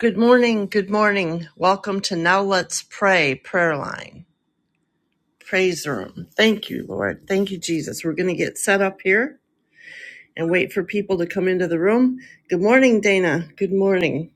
Good morning. Good morning. Welcome to Now Let's Pray Prayer Line Praise Room. Thank you, Lord. Thank you, Jesus. We're going to get set up here and wait for people to come into the room. Good morning, Dana. Good morning.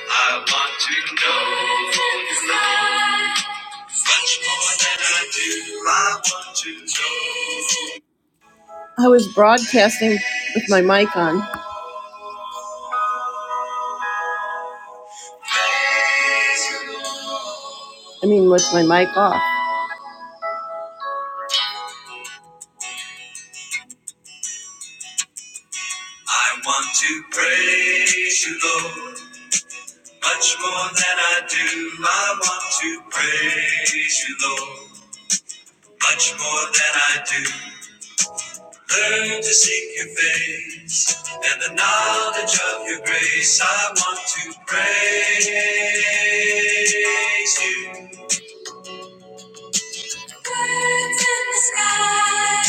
I want to know you much more than I do. I want to know. I was broadcasting with my mic on. Praise you, Lord. I mean, with my mic off. I want to praise you, Lord, much more than I do. I want to praise you, Lord, much more than I do. Learn to seek your face and the knowledge of your grace. I want to praise you. Birds in the sky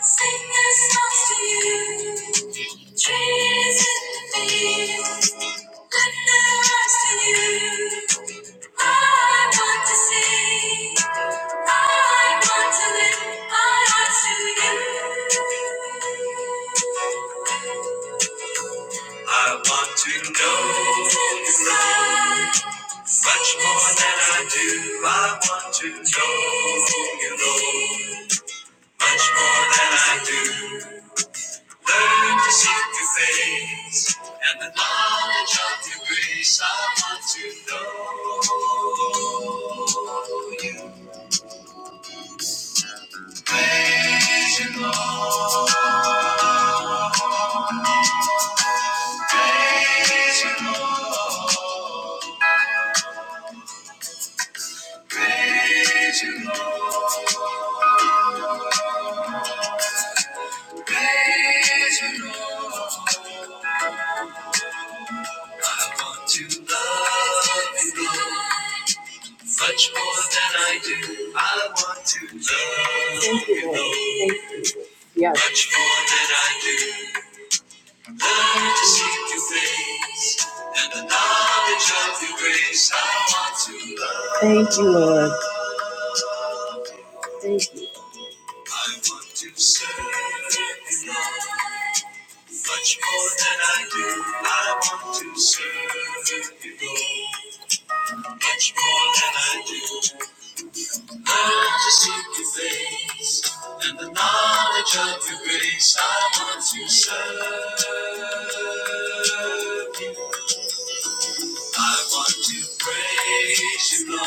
sing their songs to you. Trees in the fields lend their arms to you. I want to see. I want to lift my eyes to you. I want to know much more than I do. I want to know you, Lord. much more than I do. Learn to seek your face and the knowledge of your grace. I want to know you. Praise you, Lord. Praise you, Lord. Praise you, Lord. Praise you, Lord. I want to love you, Lord. Much more than I do. I want to love you, you, Lord. Yes. Much more than I do. to seek your face and the knowledge of your grace. I want to love. Thank you, Lord. I want to serve you, Lord. Much more than I do, I want to serve you, Lord. Much more than I do, learn to seek your face and the knowledge of your grace. I want to serve. I want to praise you, Lord,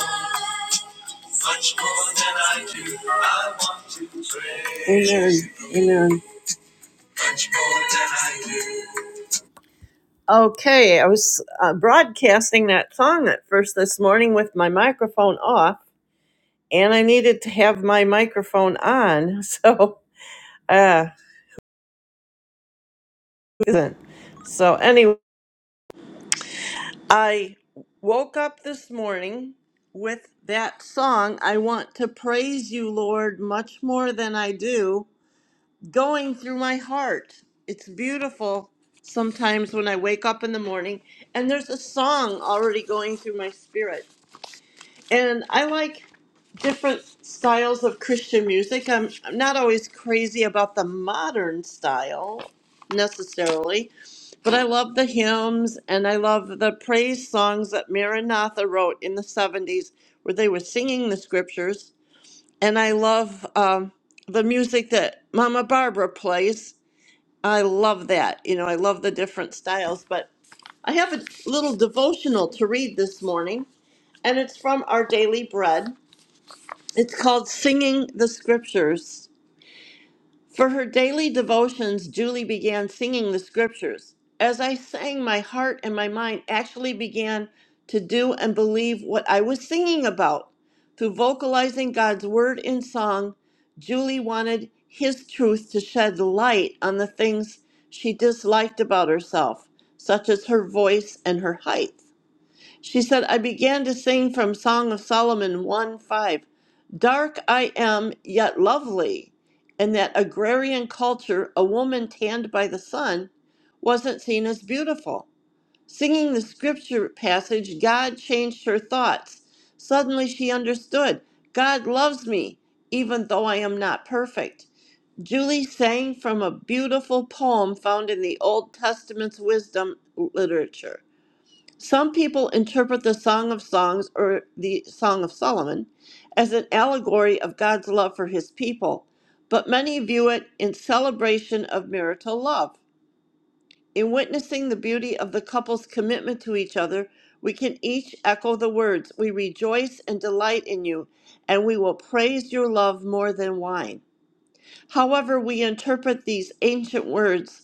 much more than I do. I want to praise Amen. you, Lord, Amen. Amen. Much more than I do. Okay, I was uh, broadcasting that song at first this morning with my microphone off, and I needed to have my microphone on, so uh, isn't. So anyway. I woke up this morning with that song, I Want to Praise You, Lord, much more than I do, going through my heart. It's beautiful sometimes when I wake up in the morning and there's a song already going through my spirit and I like different styles of Christian music. I'm, I'm not always crazy about the modern style necessarily, but I love the hymns and I love the praise songs that Maranatha wrote in the 70s where they were singing the scriptures. And I love um, the music that Mama Barbara plays. I love that. You know, I love the different styles, but I have a little devotional to read this morning, and it's from Our Daily Bread. It's called Singing the Scriptures. For her daily devotions, Julie began singing the scriptures. As I sang, my heart and my mind actually began to do and believe what I was singing about. Through vocalizing God's word in song, Julie wanted His truth to shed light on the things she disliked about herself, such as her voice and her height. She said, I began to sing from Song of Solomon 1 5. Dark I am, yet lovely. In that agrarian culture, a woman tanned by the sun wasn't seen as beautiful. Singing the scripture passage, God changed her thoughts. Suddenly she understood God loves me, even though I am not perfect. Julie sang from a beautiful poem found in the Old Testament's wisdom literature. Some people interpret the Song of Songs or the Song of Solomon as an allegory of God's love for his people, but many view it in celebration of marital love. In witnessing the beauty of the couple's commitment to each other, we can each echo the words, We rejoice and delight in you, and we will praise your love more than wine. However, we interpret these ancient words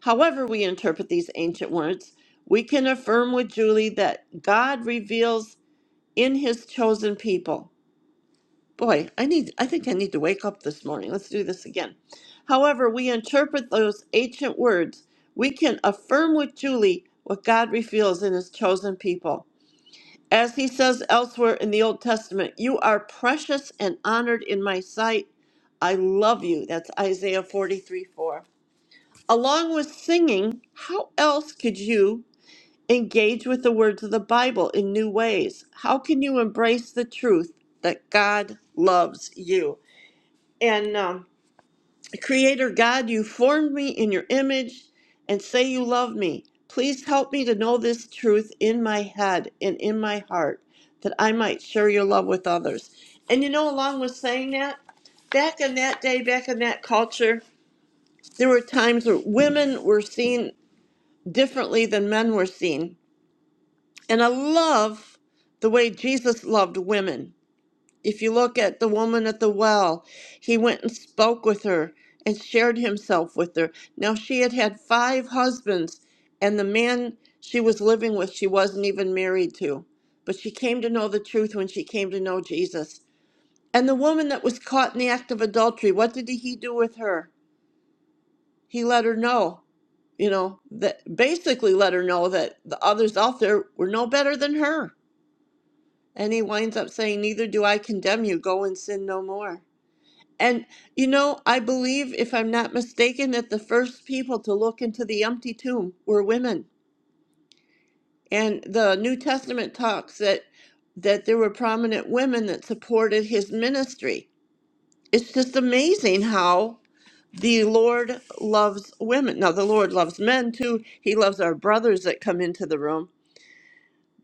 However, we interpret these ancient words, we can affirm with Julie that God reveals in his chosen people. Boy, I need I think I need to wake up this morning. Let's do this again. However, we interpret those ancient words, we can affirm with Julie what God reveals in his chosen people. As he says elsewhere in the Old Testament, you are precious and honored in my sight. I love you. That's Isaiah 43 4. Along with singing, how else could you engage with the words of the Bible in new ways? How can you embrace the truth that God loves you? And um, Creator God, you formed me in your image and say you love me. Please help me to know this truth in my head and in my heart that I might share your love with others. And you know, along with saying that, back in that day, back in that culture, there were times where women were seen differently than men were seen. And I love the way Jesus loved women. If you look at the woman at the well, he went and spoke with her and shared himself with her. Now, she had had five husbands, and the man she was living with, she wasn't even married to. But she came to know the truth when she came to know Jesus. And the woman that was caught in the act of adultery, what did he do with her? He let her know, you know, that basically let her know that the others out there were no better than her. And he winds up saying, Neither do I condemn you. Go and sin no more. And, you know, I believe, if I'm not mistaken, that the first people to look into the empty tomb were women. And the New Testament talks that that there were prominent women that supported his ministry. It's just amazing how. the Lord loves women. Now, the Lord loves men too. He loves our brothers that come into the room.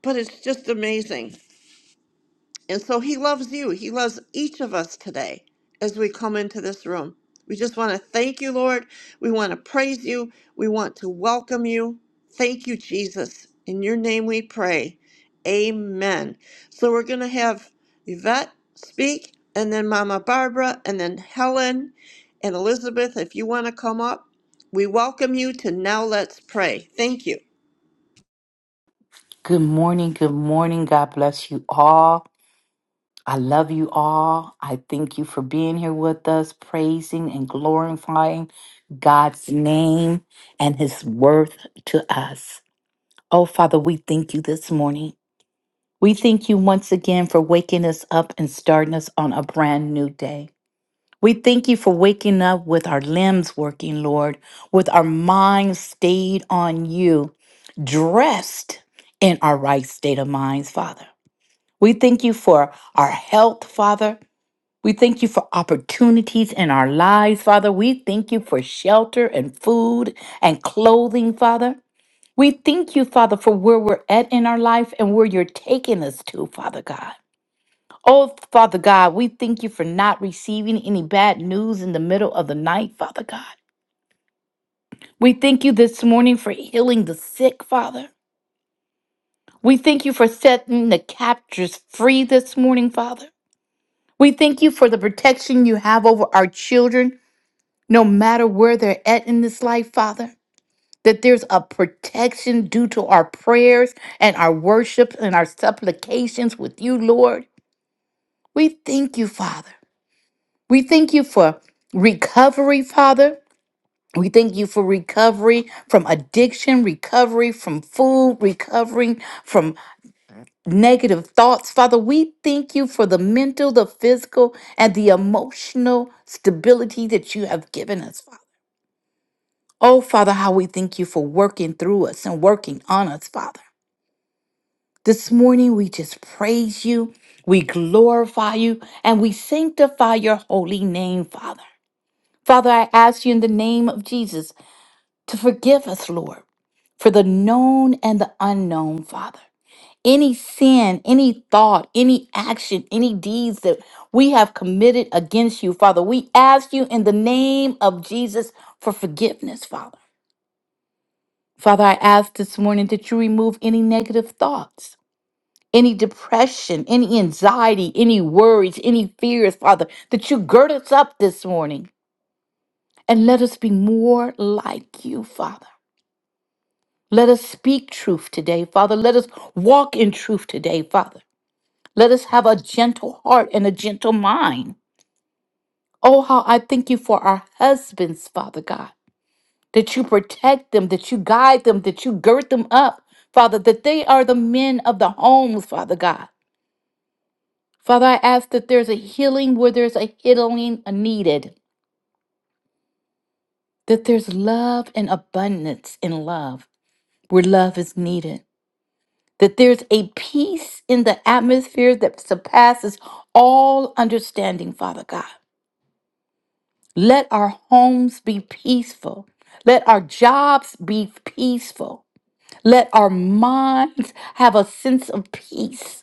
But it's just amazing. And so he loves you. He loves each of us today as we come into this room. We just want to thank you, Lord. We want to praise you. We want to welcome you. Thank you, Jesus. In your name we pray. Amen. So we're going to have Yvette speak, and then Mama Barbara, and then Helen and Elizabeth, if you want to come up. We welcome you to Now Let's Pray. Thank you. Good morning. Good morning. God bless you all. I love you all. I thank you for being here with us, praising and glorifying God's name and his worth to us. Oh, Father, we thank you this morning. We thank you once again for waking us up and starting us on a brand new day. We thank you for waking up with our limbs working, Lord, with our minds stayed on you, dressed in our right state of minds, Father. We thank you for our health, Father. We thank you for opportunities in our lives, Father. We thank you for shelter and food and clothing, Father. We thank you, Father, for where we're at in our life and where you're taking us to, Father God. Oh, Father God, we thank you for not receiving any bad news in the middle of the night, Father God. We thank you this morning for healing the sick, Father. We thank you for setting the captors free this morning, Father. We thank you for the protection you have over our children, no matter where they're at in this life, Father. That there's a protection due to our prayers and our worship and our supplications with you, Lord. We thank you, Father. We thank you for recovery, Father. We thank you for recovery from addiction, recovery from food, recovering from negative thoughts. Father, we thank you for the mental, the physical, and the emotional stability that you have given us, Father. Oh, Father, how we thank you for working through us and working on us, Father. This morning, we just praise you, we glorify you, and we sanctify your holy name, Father. Father, I ask you in the name of Jesus to forgive us, Lord, for the known and the unknown, Father. any sin, any thought, any action, any deeds that we have committed against you, Father. We ask you in the name of Jesus for forgiveness, Father. Father, I ask this morning that you remove any negative thoughts, any depression, any anxiety, any worries, any fears, Father, that you gird us up this morning and let us be more like you, Father. Let us speak truth today, Father. Let us walk in truth today, Father. Let us have a gentle heart and a gentle mind. Oh, how I thank you for our husbands, Father God, that you protect them, that you guide them, that you gird them up, Father, that they are the men of the homes, Father God. Father, I ask that there's a healing where there's a healing needed, that there's love and abundance in love where love is needed, that there's a peace in the atmosphere that surpasses all understanding, Father God. Let our homes be peaceful. Let our jobs be peaceful. Let our minds have a sense of peace.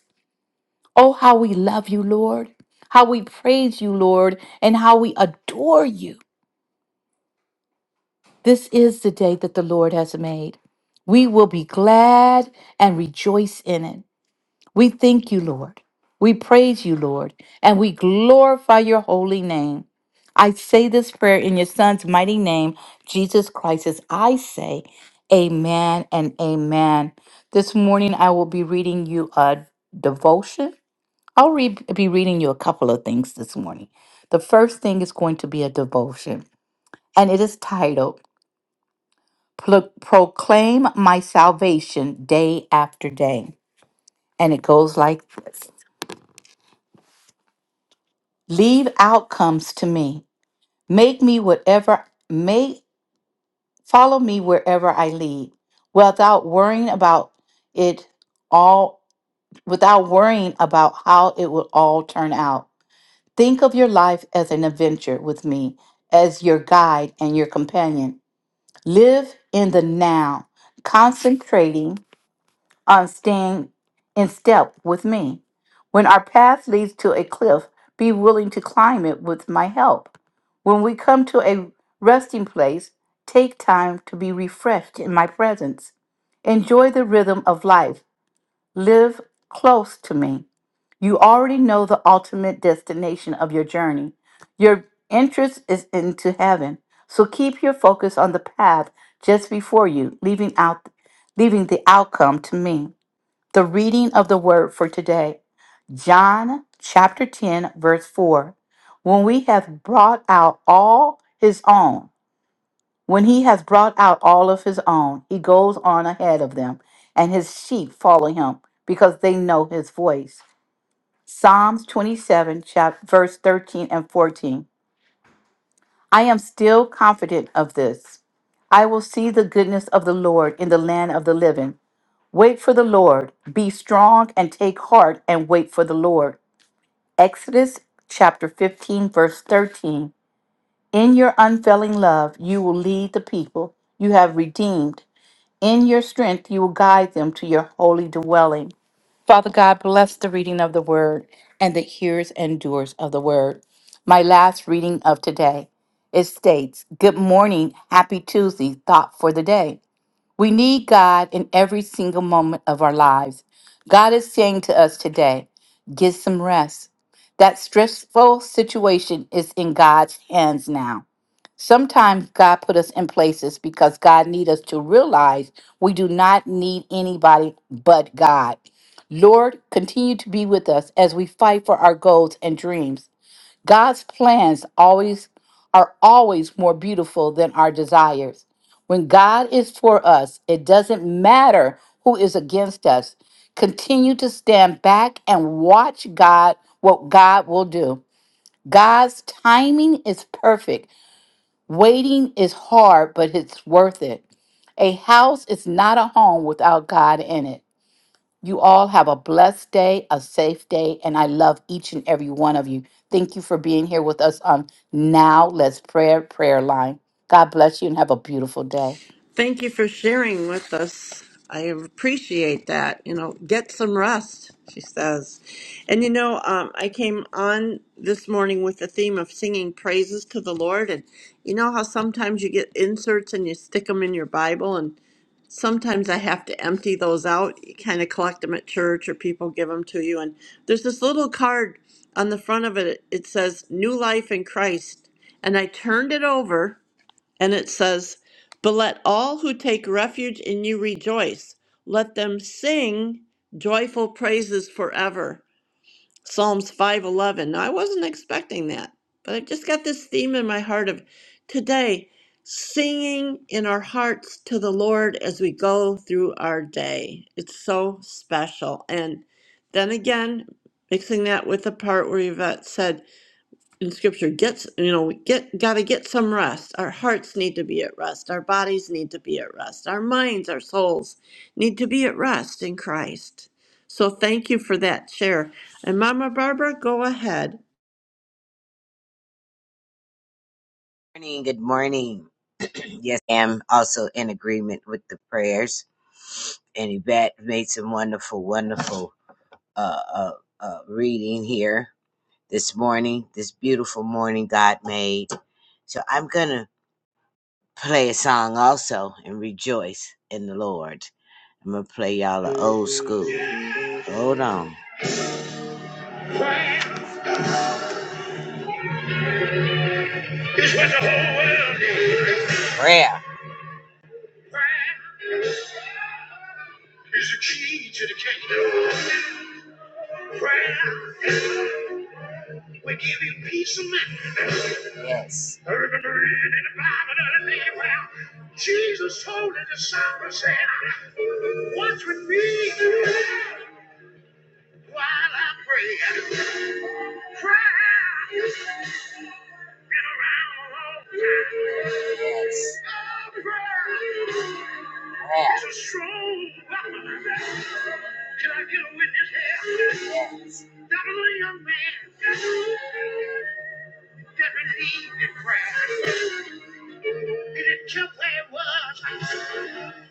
Oh, how we love you, Lord. How we praise you, Lord, and how we adore you. This is the day that the Lord has made. We will be glad and rejoice in it. We thank you, Lord. We praise you, Lord, and we glorify your holy name. I say this prayer in your son's mighty name, Jesus Christ, as I say, Amen and Amen. This morning I will be reading you a devotion. I'll re- be reading you a couple of things this morning. The first thing is going to be a devotion, and it is titled Pro- Proclaim My Salvation Day After Day. And it goes like this Leave outcomes to me. Make me whatever may follow me wherever I lead without worrying about it all without worrying about how it will all turn out. Think of your life as an adventure with me as your guide and your companion. Live in the now, concentrating on staying in step with me. When our path leads to a cliff, be willing to climb it with my help. When we come to a resting place, take time to be refreshed in my presence. Enjoy the rhythm of life. Live close to me. You already know the ultimate destination of your journey. Your interest is into heaven. So keep your focus on the path just before you, leaving out leaving the outcome to me. The reading of the word for today, John chapter 10, verse 4. When we have brought out all his own, when he has brought out all of his own, he goes on ahead of them, and his sheep follow him because they know his voice. Psalms 27, chapter, verse 13 and 14. I am still confident of this. I will see the goodness of the Lord in the land of the living. Wait for the Lord. Be strong and take heart and wait for the Lord. Exodus chapter 15, verse 13. In your unfailing love, you will lead the people you have redeemed. In your strength, you will guide them to your holy dwelling. Father God, bless the reading of the word and the hearers and doers of the word. My last reading of today it states, Good morning, happy Tuesday, thought for the day. We need God in every single moment of our lives. God is saying to us today, get some rest. That stressful situation is in God's hands now. Sometimes God put us in places because God need us to realize we do not need anybody but God. Lord, continue to be with us as we fight for our goals and dreams. God's plans always are always more beautiful than our desires. When God is for us, it doesn't matter who is against us. Continue to stand back and watch God what God will do. God's timing is perfect. Waiting is hard, but it's worth it. A house is not a home without God in it. You all have a blessed day, a safe day, and I love each and every one of you. Thank you for being here with us on Now Let's Prayer Prayer Line. God bless you and have a beautiful day. Thank you for sharing with us. I appreciate that. You know, get some rest, she says. And you know, um, I came on this morning with the theme of singing praises to the Lord. And you know how sometimes you get inserts and you stick them in your Bible, and sometimes I have to empty those out. You kind of collect them at church or people give them to you. And there's this little card on the front of it. It says, New Life in Christ. And I turned it over and it says, But let all who take refuge in you rejoice. Let them sing joyful praises forever. Psalms 511. Now, I wasn't expecting that, but I've just got this theme in my heart of today singing in our hearts to the Lord as we go through our day. It's so special. And then again, mixing that with the part where Yvette said, in scripture gets you know we get got to get some rest our hearts need to be at rest our bodies need to be at rest our minds our souls need to be at rest in christ so thank you for that share and mama barbara go ahead morning. Good morning. Yes, I am also in agreement with the prayers. And Yvette made some wonderful, wonderful uh, uh, uh, reading here this morning, this beautiful morning God made. So I'm going to play a song also and rejoice in the Lord. I'm going to play y'all an old school. Hold on. It's what the whole world needs. Prayer. Prayer is the key to the kingdom. Prayer will give you peace of mind. Yes. I remember reading in the Bible the other day where Jesus told the disciples, said, Watch with me while I pray. Prayer has been around a long time. Oh, Prayer is a strong weapon. Can I get a witness here? That was a young man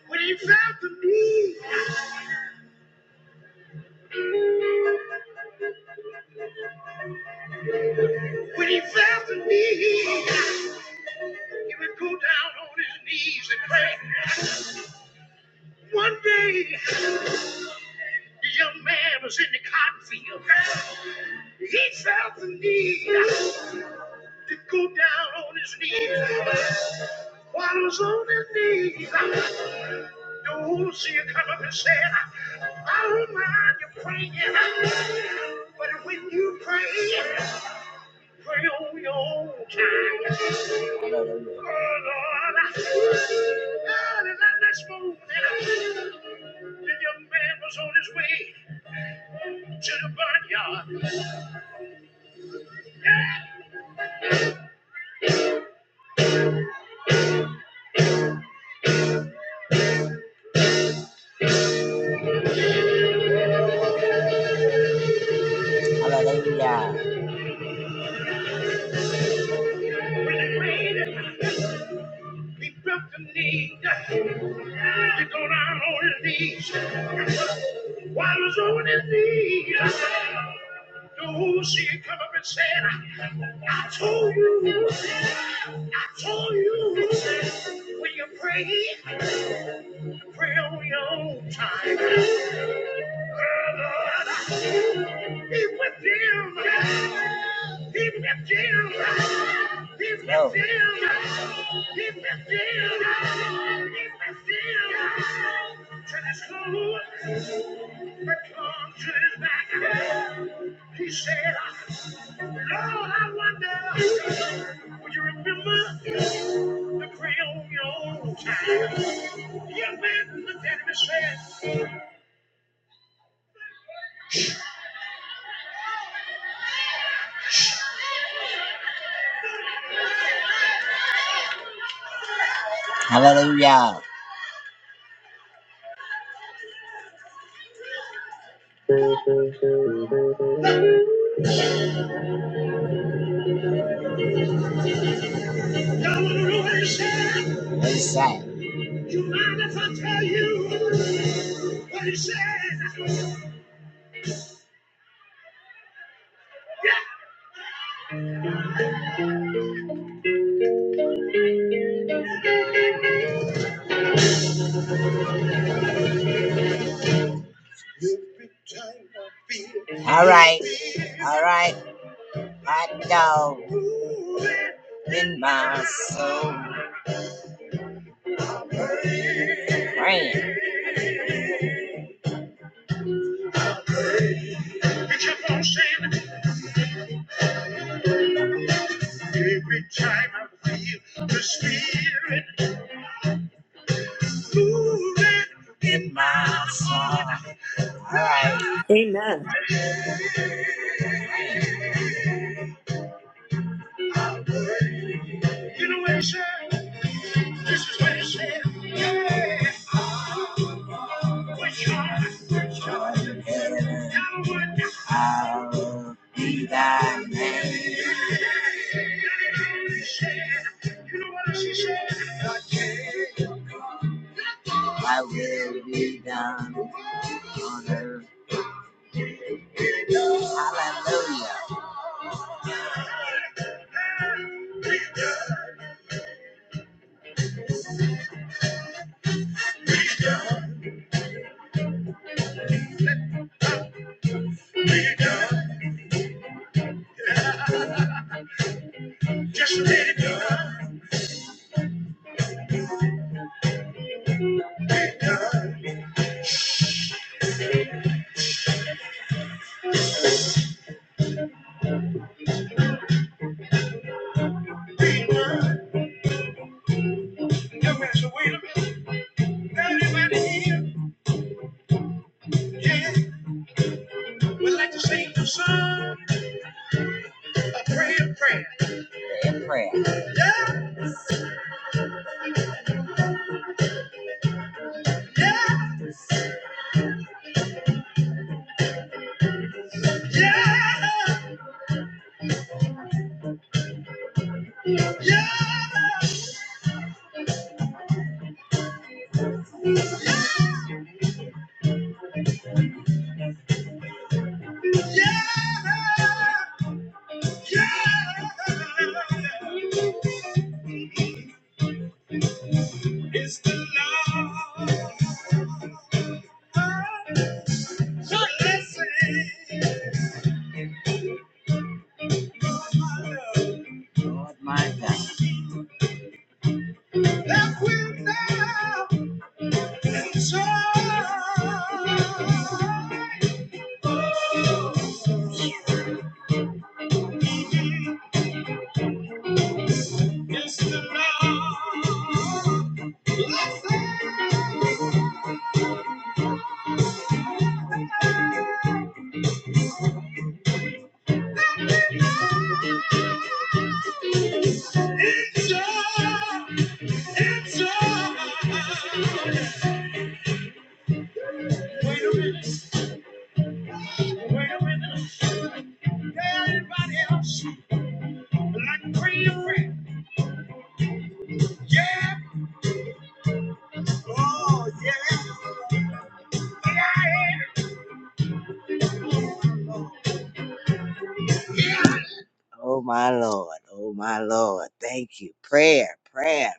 When he felt the need, when he felt the need, he would go down on his knees and pray. One day, the young man was in the cotton field. He felt the need. to go down on his knees. While he was on his knees, the old not see come up and said, I don't mind you praying, but when you pray, pray on your own time. Oh Lord, early that next morning, the young man was on his way to the barnyard. Hallelujah. When it rained, We felt the need to go down on his knees. While he was on his knees, the she come up and said, I told you, I told you, when you pray. Fill your time. Oh, Lord, He's with you. He's with you. He's with no. you. He's with you. He's with you. Turn his food, return to his back. He said, Lord, I wonder, would you remember? Hallelujah. What he said. You mind if I tell you what he said? Yeah. All right. All right. Hot dog. In my soul. Praying. every time I feel the spirit moving in my soul. All right. amen Generation, this is what it said. Yeah. Which one? Which one? Now would I will be thy name. You know what she said? I will be done on earth. Hallelujah. Just let it be done, be done, be done. Now, wait a minute. Everybody here, yeah, we like to sing the song. Pray and prayer. and prayer. Yeah, yeah, yeah, yeah, yeah, yeah. It's the love. Lord. Blessing. Lord, my love. Lord, my God. That will now enjoy. It's the Lord. Yeah, Like Yeah. Oh, yeah. Yeah, Oh, my Lord. Oh, my Lord. Thank you. Prayer, prayer,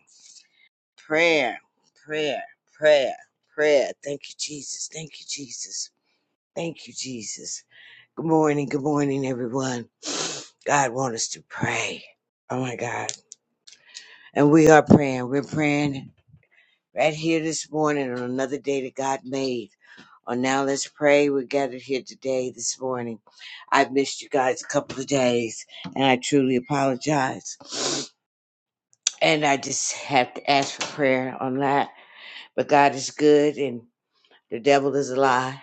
prayer, prayer, prayer, prayer. Thank you, Jesus. Thank you, Jesus. Thank you, Jesus. Good morning. Good morning, everyone. God wants us to pray. Oh, my God. And we are praying. We're praying right here this morning on another day that God made. On now, let's pray. We're gathered here today, this morning. I've missed you guys a couple of days, and I truly apologize. And I just have to ask for prayer on that. But God is good, and the devil is a lie.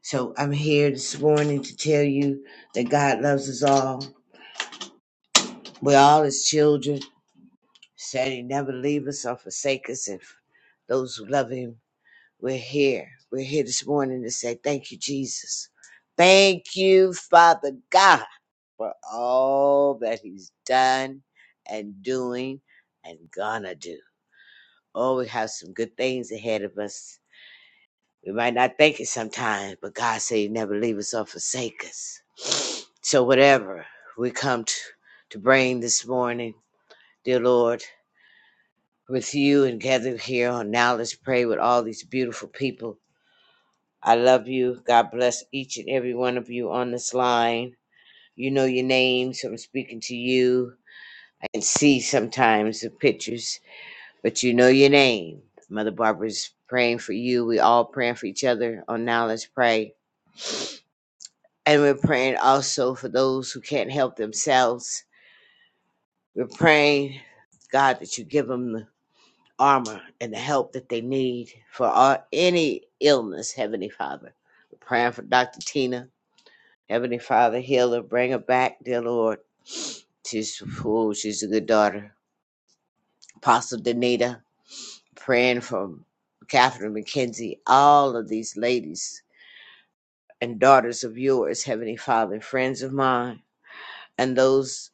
So I'm here this morning to tell you that God loves us all. We're all His children. Said He never leave us or forsake us, If those who love Him. We're here. We're here this morning to say thank you, Jesus. Thank you, Father God, for all that He's done and doing and gonna do. Oh, we have some good things ahead of us. We might not think it sometimes, but God said He never leave us or forsake us. So whatever we come to, to bring this morning, dear Lord, with you and gathered here on now, let's pray with all these beautiful people I love you. God bless each and every one of you on this line. You know your names. I'm speaking to you. I can see sometimes the pictures, but you know your name. Mother Barbara's praying for you. We all praying for each other on Now Let's Pray. And we're praying also for those who can't help themselves. We're praying, God, that you give them the armor and the help that they need for all, any illness, Heavenly Father. We're praying for Dr. Tina. Heavenly Father, heal her, bring her back, dear Lord. She's oh, she's a good daughter. Apostle Danita, praying for Catherine McKenzie, all of these ladies and daughters of yours, Heavenly Father, friends of mine, and those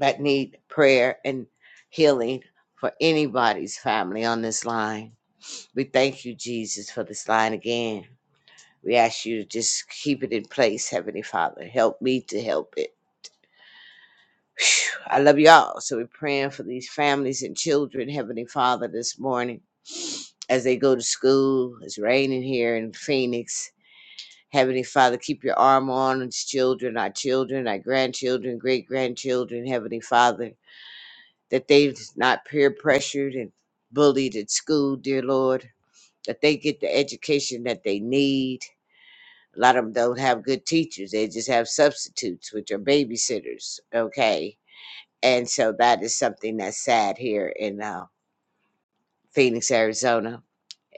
that need prayer and healing for anybody's family on this line. We thank you, Jesus, for this line again. We ask you to just keep it in place, Heavenly Father. Help me to help it. Phew, I love y'all. So we're praying for these families and children, Heavenly Father, this morning as they go to school. It's raining here in Phoenix. Heavenly Father, keep your arm on these children, our children, our grandchildren, great grandchildren, Heavenly Father, that they're not peer pressured and bullied at school, dear Lord, that they get the education that they need. A lot of them don't have good teachers, they just have substitutes, which are babysitters, okay? and so that is something that's sad here in uh, Phoenix, Arizona,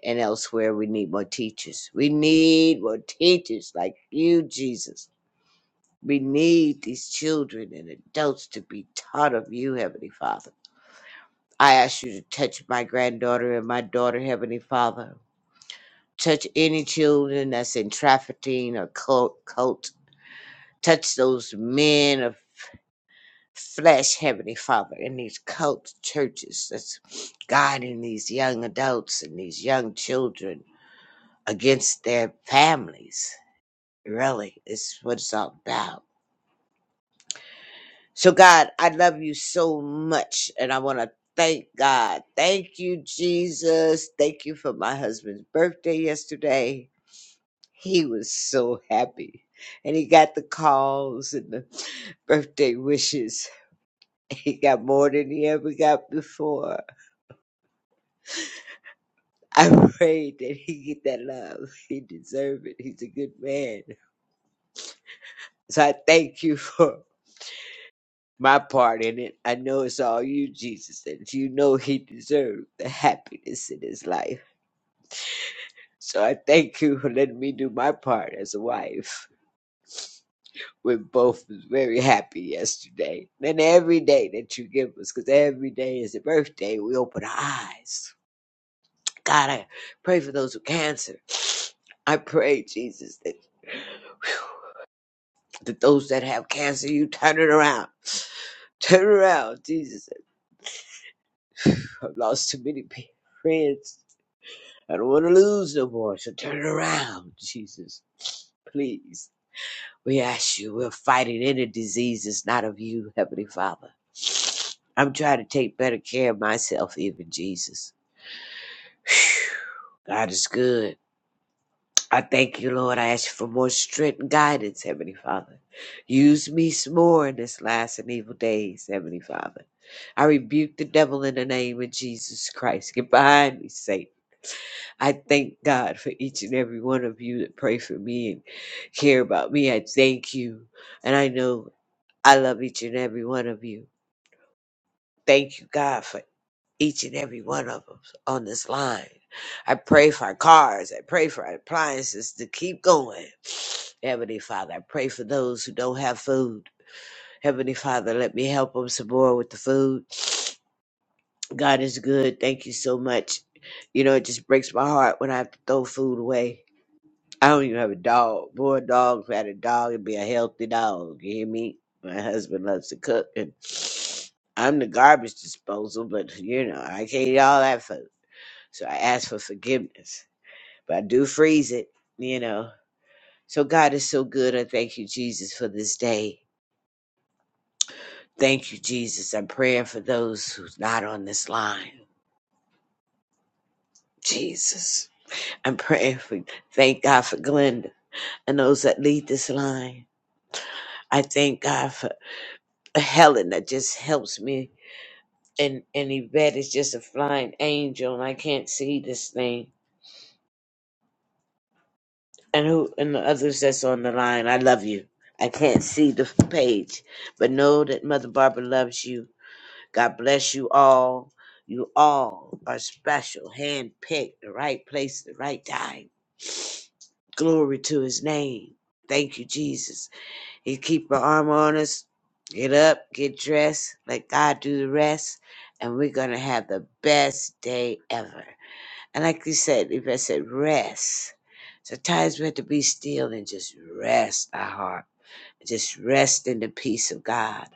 and elsewhere. We need more teachers. We need more teachers like you, Jesus. We need these children and adults to be taught of you, Heavenly Father. I ask you to touch my granddaughter and my daughter, Heavenly Father. Touch any children that's in trafficking or cult. cult. Touch those men of. flesh, Heavenly Father, in these cult churches that's guiding these young adults and these young children against their families. Really, is what it's all about. So, God, I love you so much, and I want to thank God. Thank you, Jesus. Thank you for my husband's birthday yesterday. He was so happy, and he got the calls and the birthday wishes. He got more than he ever got before I pray that he get that love. He deserve it. He's a good man. So I thank you for my part in it. I know it's all you, Jesus, and you know he deserved the happiness in his life. So I thank you for letting me do my part as a wife. We both was very happy yesterday. And every day that you give us, because every day is a birthday, we open our eyes. God, I pray for those with cancer. I pray, Jesus, that that those that have cancer, you turn it around. Turn around, Jesus. I've lost too many pe- friends. I don't want to lose no more. So turn it around, Jesus. Please. We ask you, we're fighting any disease that's not of you, Heavenly Father. I'm trying to take better care of myself, even Jesus. God is good. I thank you, Lord. I ask you for more strength and guidance, Heavenly Father. Use me some more in this last and evil days, Heavenly Father. I rebuke the devil in the name of Jesus Christ. Get behind me, Satan. I thank God for each and every one of you that pray for me and care about me. I thank you. And I know I love each and every one of you. Thank you, God, for each and every one of them on this line. I pray for our cars. I pray for our appliances to keep going. Heavenly Father, I pray for those who don't have food. Heavenly Father, let me help them some more with the food. God is good. Thank you so much. You know, it just breaks my heart when I have to throw food away. I don't even have a dog. Boy, a dog, if I had a dog, it'd be a healthy dog. You hear me? My husband loves to cook, and I'm the garbage disposal, but you know, I can't eat all that food. So I ask for forgiveness, but I do freeze it, you know. So God is so good. I thank you, Jesus, for this day. Thank you, Jesus. I'm praying for those who's not on this line. Jesus. I'm praying for, thank God for Glenda and those that lead this line. I thank God for Helen that just helps me. And, and Yvette is just a flying angel, and I can't see this thing. and who and the others that's on the line. I love you. I can't see the page, but know that Mother Barbara loves you. God bless you all. You all are special, handpicked, the right place, the right time. Glory to His name. Thank you, Jesus. He keep our arm on us. Get up, get dressed, let God do the rest, and we're gonna have the best day ever. And like you said, if I said rest, so times we have to be still and just rest our heart, just rest in the peace of God.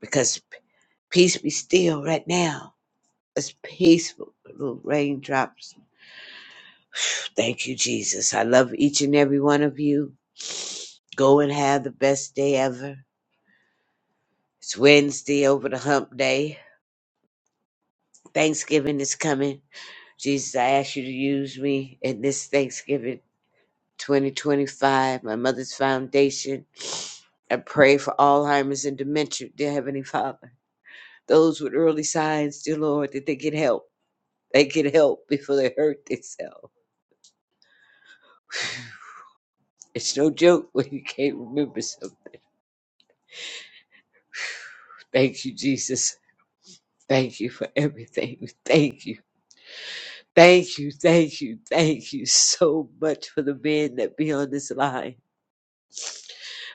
Because peace be still right now. It's peaceful. Little raindrops. Thank you, Jesus. I love each and every one of you. Go and have the best day ever. It's Wednesday over the hump day. Thanksgiving is coming. Jesus, I ask you to use me in this Thanksgiving 2025, my mother's foundation. I pray for Alzheimer's and dementia, dear Heavenly Father. Those with early signs, dear Lord, that they get help. They get help before they hurt themselves. It's no joke when you can't remember something. Thank you, Jesus. Thank you for everything. Thank you. Thank you. Thank you. Thank you so much for the men that be on this line.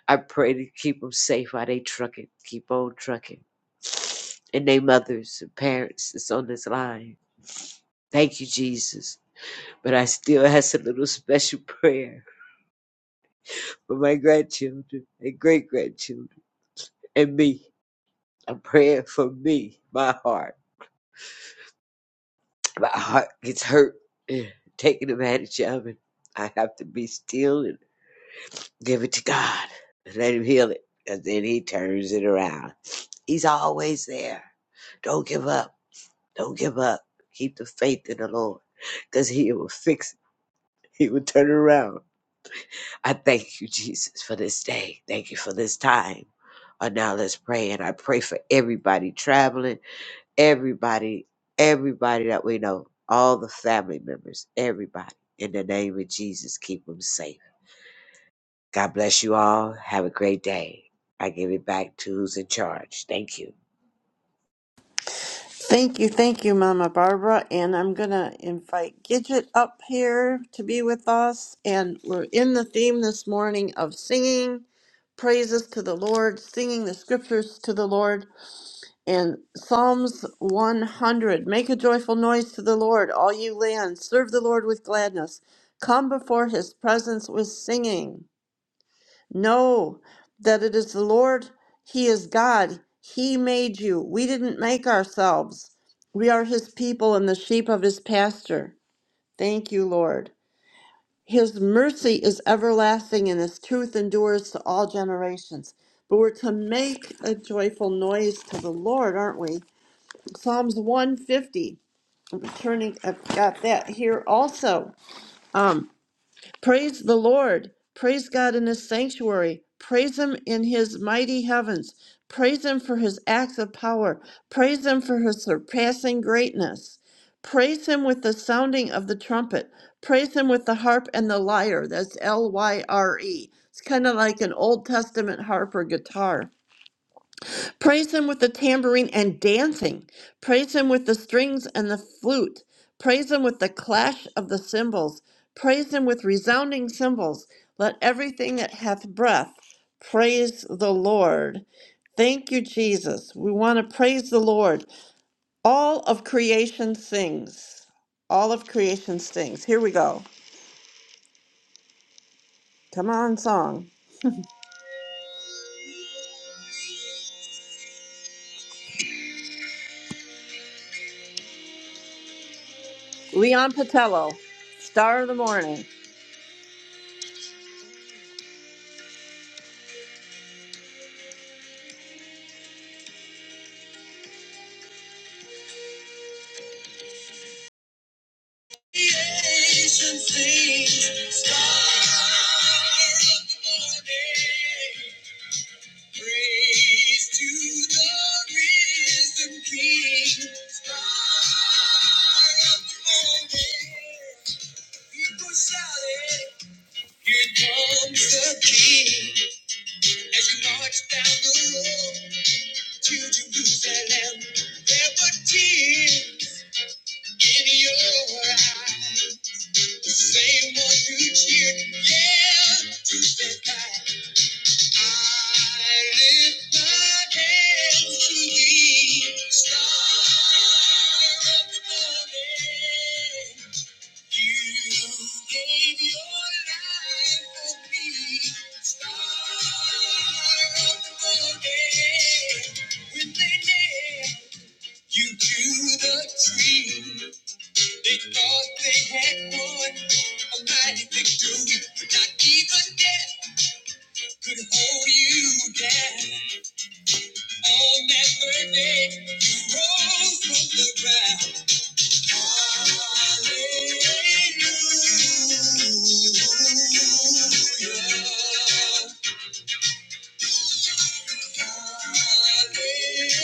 I pray to keep them safe while they trucking, keep on trucking. And they mothers and parents that's on this line. Thank you, Jesus. But I still has a little special prayer for my grandchildren and great grandchildren and me. I'm praying for me, my heart. My heart gets hurt, taking advantage of, it. I have to be still and give it to God and let Him heal it. Because then He turns it around. He's always there. Don't give up. Don't give up. Keep the faith in the Lord because He will fix it. He will turn it around. I thank you, Jesus, for this day. Thank you for this time. And now let's pray. And I pray for everybody traveling, everybody, everybody that we know, all the family members, everybody. In the name of Jesus, keep them safe. God bless you all. Have a great day. I give it back to who's in charge. Thank you. thank you thank you mama barbara and i'm gonna invite gidget up here to be with us and we're in the theme this morning of singing praises to the lord singing the scriptures to the lord And Psalms 100 Make a joyful noise to the Lord, all you lands. Serve the Lord with gladness. Come before his presence with singing. Know that it is the Lord, he is God. He made you. We didn't make ourselves. We are his people and the sheep of his pasture. Thank you, Lord. His mercy is everlasting and his truth endures to all generations. But we're to make a joyful noise to the Lord, aren't we? Psalms 150. I'm turning, I've got that here also. Um, praise the Lord. Praise God in his sanctuary. Praise him in his mighty heavens. Praise him for his acts of power. Praise him for his surpassing greatness. Praise him with the sounding of the trumpet. Praise him with the harp and the lyre. That's L Y R E. It's kind of like an Old Testament harp or guitar. Praise him with the tambourine and dancing. Praise him with the strings and the flute. Praise him with the clash of the cymbals. Praise him with resounding cymbals. Let everything that hath breath praise the Lord. Thank you, Jesus. We want to praise the Lord. All of creation sings. All of creation sings. Here we go. Come on, song. Leon Patello, Star of the Morning. Creation sings, star of the morning. Praise to the risen King, star of the morning. People shouting, here comes the King. As you march down the road to Jerusalem, there were tears in your eyes. Same one who cheered, yeah, to the back. I lift my hands to thee, star of the morning. You gave your life for me, star of the morning. When they nailed you to the tree. They thought they had won a mighty victory, but not even death could hold you down. On that third day, you rose from the ground. Hallelujah. Hallelujah. One day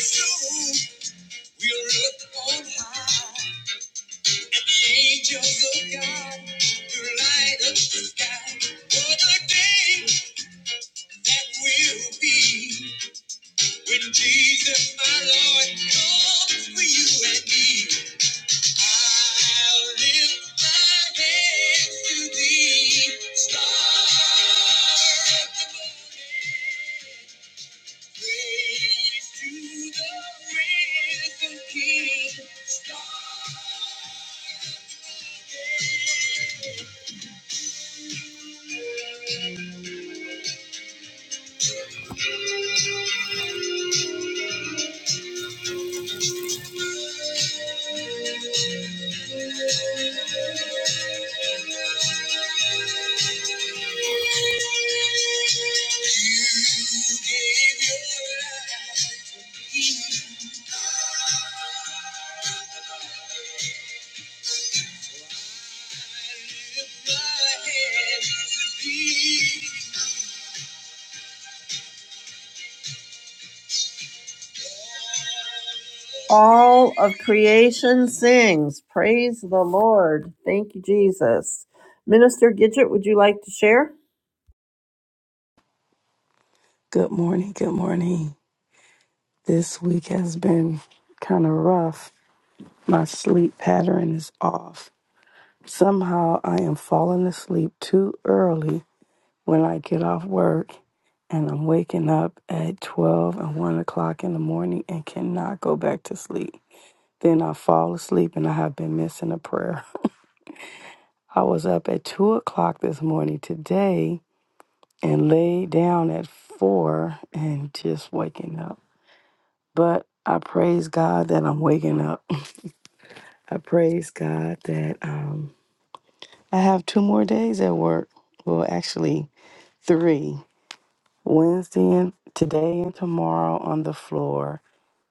soon we'll look on high at the angels of God who light up the sky. What a day that will be! When Jesus, my Lord, comes for you and me, I'll lift my hands to thee. Star of the morning, praise to the risen King. Star All of creation sings. Praise the Lord. Thank you, Jesus. Minister Gidget, would you like to share? Good morning. Good morning. This week has been kind of rough. My sleep pattern is off. Somehow I am falling asleep too early when I get off work, and I'm waking up at 12 and 1 o'clock in the morning and cannot go back to sleep. Then I fall asleep and I have been missing a prayer. I was up at 2 o'clock this morning today and laid down at 4 and just waking up. But I praise God that I'm waking up. I praise God that um, I have two more days at work. Well, actually, three Wednesday and today and tomorrow on the floor.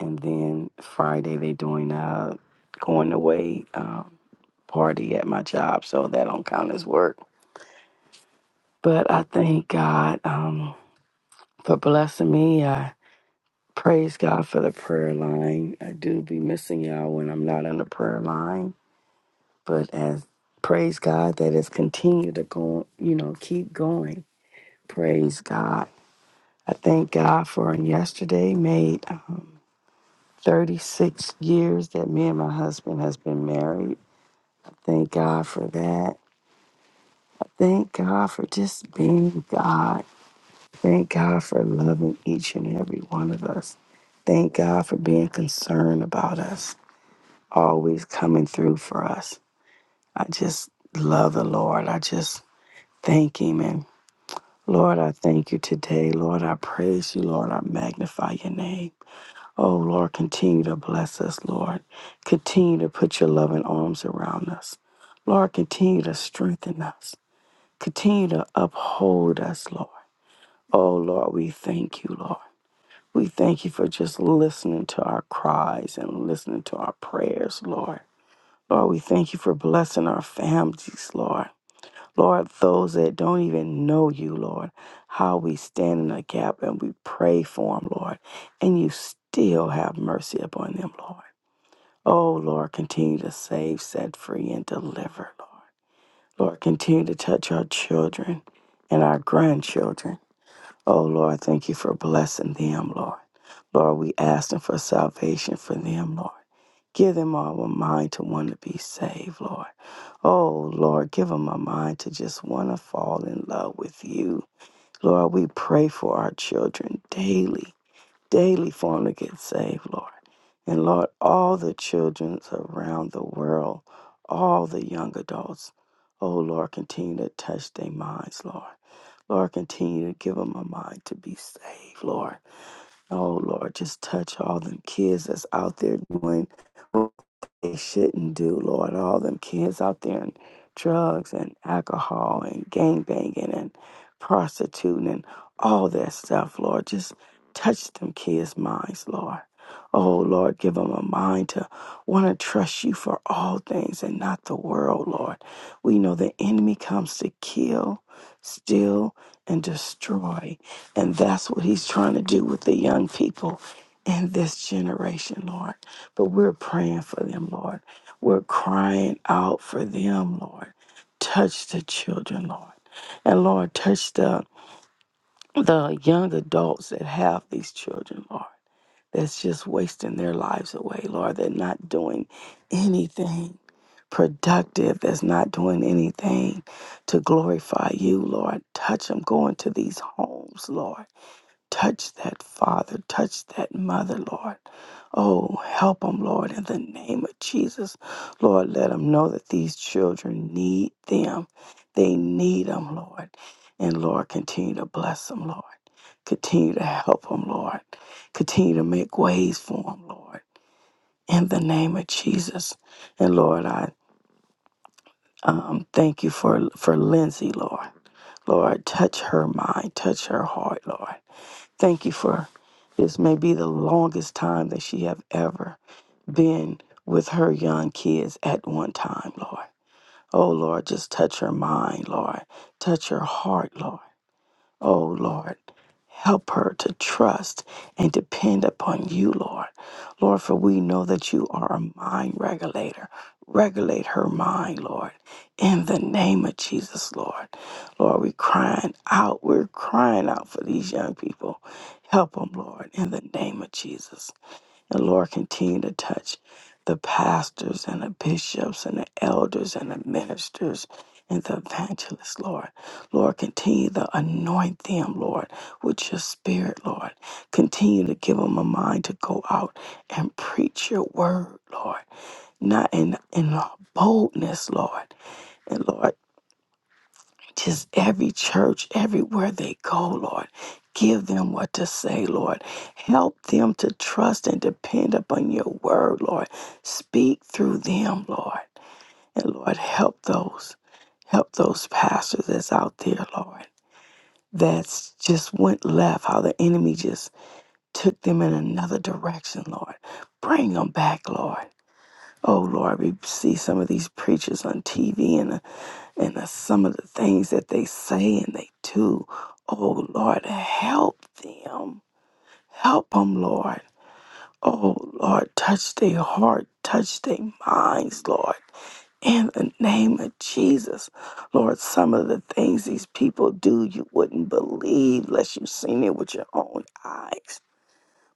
And then Friday, they're doing a going away um, party at my job. So that don't count as work. But I thank God um, for blessing me. I praise God for the prayer line. I do be missing y'all when I'm not on the prayer line But as praise God that it's continued to go, you know, keep going. Praise God. I thank God for yesterday made uh, 36 years that me and my husband has been married. Thank God for that. Thank God for just being God. Thank God for loving each and every one of us. Thank God for being concerned about us, always coming through for us. I just love the Lord. I just thank Him and. Lord, I thank you today. Lord, I praise you. Lord, I magnify your name. Oh, Lord, continue to bless us, Lord. Continue to put your loving arms around us. Lord, continue to strengthen us. Continue to uphold us, Lord. Oh, Lord, we thank you, Lord. We thank you for just listening to our cries and listening to our prayers, Lord. Lord, we thank you for blessing our families, Lord. Lord, those that don't even know you, Lord, how we stand in the gap and we pray for them, Lord, and you still have mercy upon them, Lord. Oh, Lord, continue to save, set free, and deliver, Lord. Lord, continue to touch our children and our grandchildren. Oh, Lord, thank you for blessing them, Lord. Lord, we ask them for salvation for them, Lord. Give them all a mind to want to be saved, Lord. Oh, Lord, give them a mind to just want to fall in love with you. Lord, we pray for our children daily, daily for them to get saved, Lord. And Lord, all the children around the world, all the young adults, oh, Lord, continue to touch their minds, Lord. Lord, continue to give them a mind to be saved, Lord. Oh, Lord, just touch all them kids that's out there doing they shouldn't do, Lord. All them kids out there and drugs and alcohol and gang banging and prostituting and all that stuff, Lord. Just touch them kids' minds, Lord. Oh, Lord, give them a mind to want to trust you for all things and not the world, Lord. We know the enemy comes to kill, steal, and destroy. And that's what he's trying to do with the young people in this generation, Lord. But we're praying for them, Lord. We're crying out for them, Lord. Touch the children, Lord. And Lord, touch the the young adults that have these children, Lord. That's just wasting their lives away, Lord. They're not doing anything productive. That's not doing anything to glorify you, Lord. Touch them going to these homes, Lord Touch that father, touch that mother, Lord. Oh, help them, Lord, in the name of Jesus. Lord, let them know that these children need them. They need them, Lord. And Lord, continue to bless them, Lord. Continue to help them, Lord. Continue to make ways for them, Lord. In the name of Jesus. And Lord, I um, thank you for, for Lindsay, Lord. Lord, touch her mind, touch her heart, Lord. Thank you for this may be the longest time that she have ever been with her young kids at one time, Lord. Oh Lord, just touch her mind, Lord. Touch her heart, Lord. Oh Lord, help her to trust and depend upon you, Lord. Lord, for we know that you are a mind regulator. Regulate her mind, Lord, in the name of Jesus, Lord. Lord, we're crying out. We're crying out for these young people. Help them, Lord, in the name of Jesus. The Lord continue to touch the pastors and the bishops and the elders and the ministers and the evangelists, Lord. Lord, continue to anoint them, Lord, with your spirit, Lord. Continue to give them a mind to go out and preach your word, Lord. Not in, in boldness, Lord. And Lord, just every church, everywhere they go, Lord. Give them what to say, Lord. Help them to trust and depend upon your word, Lord. Speak through them, Lord. And Lord, help those, help those pastors that's out there, Lord, that's just went left, how the enemy just took them in another direction, Lord. Bring them back, Lord. Oh, Lord, we see some of these preachers on TV and and the, some of the things that they say and they do. Oh Lord, help them. Help them, Lord. Oh Lord, touch their heart, touch their minds, Lord. In the name of Jesus, Lord, some of the things these people do, you wouldn't believe unless you've seen it with your own eyes.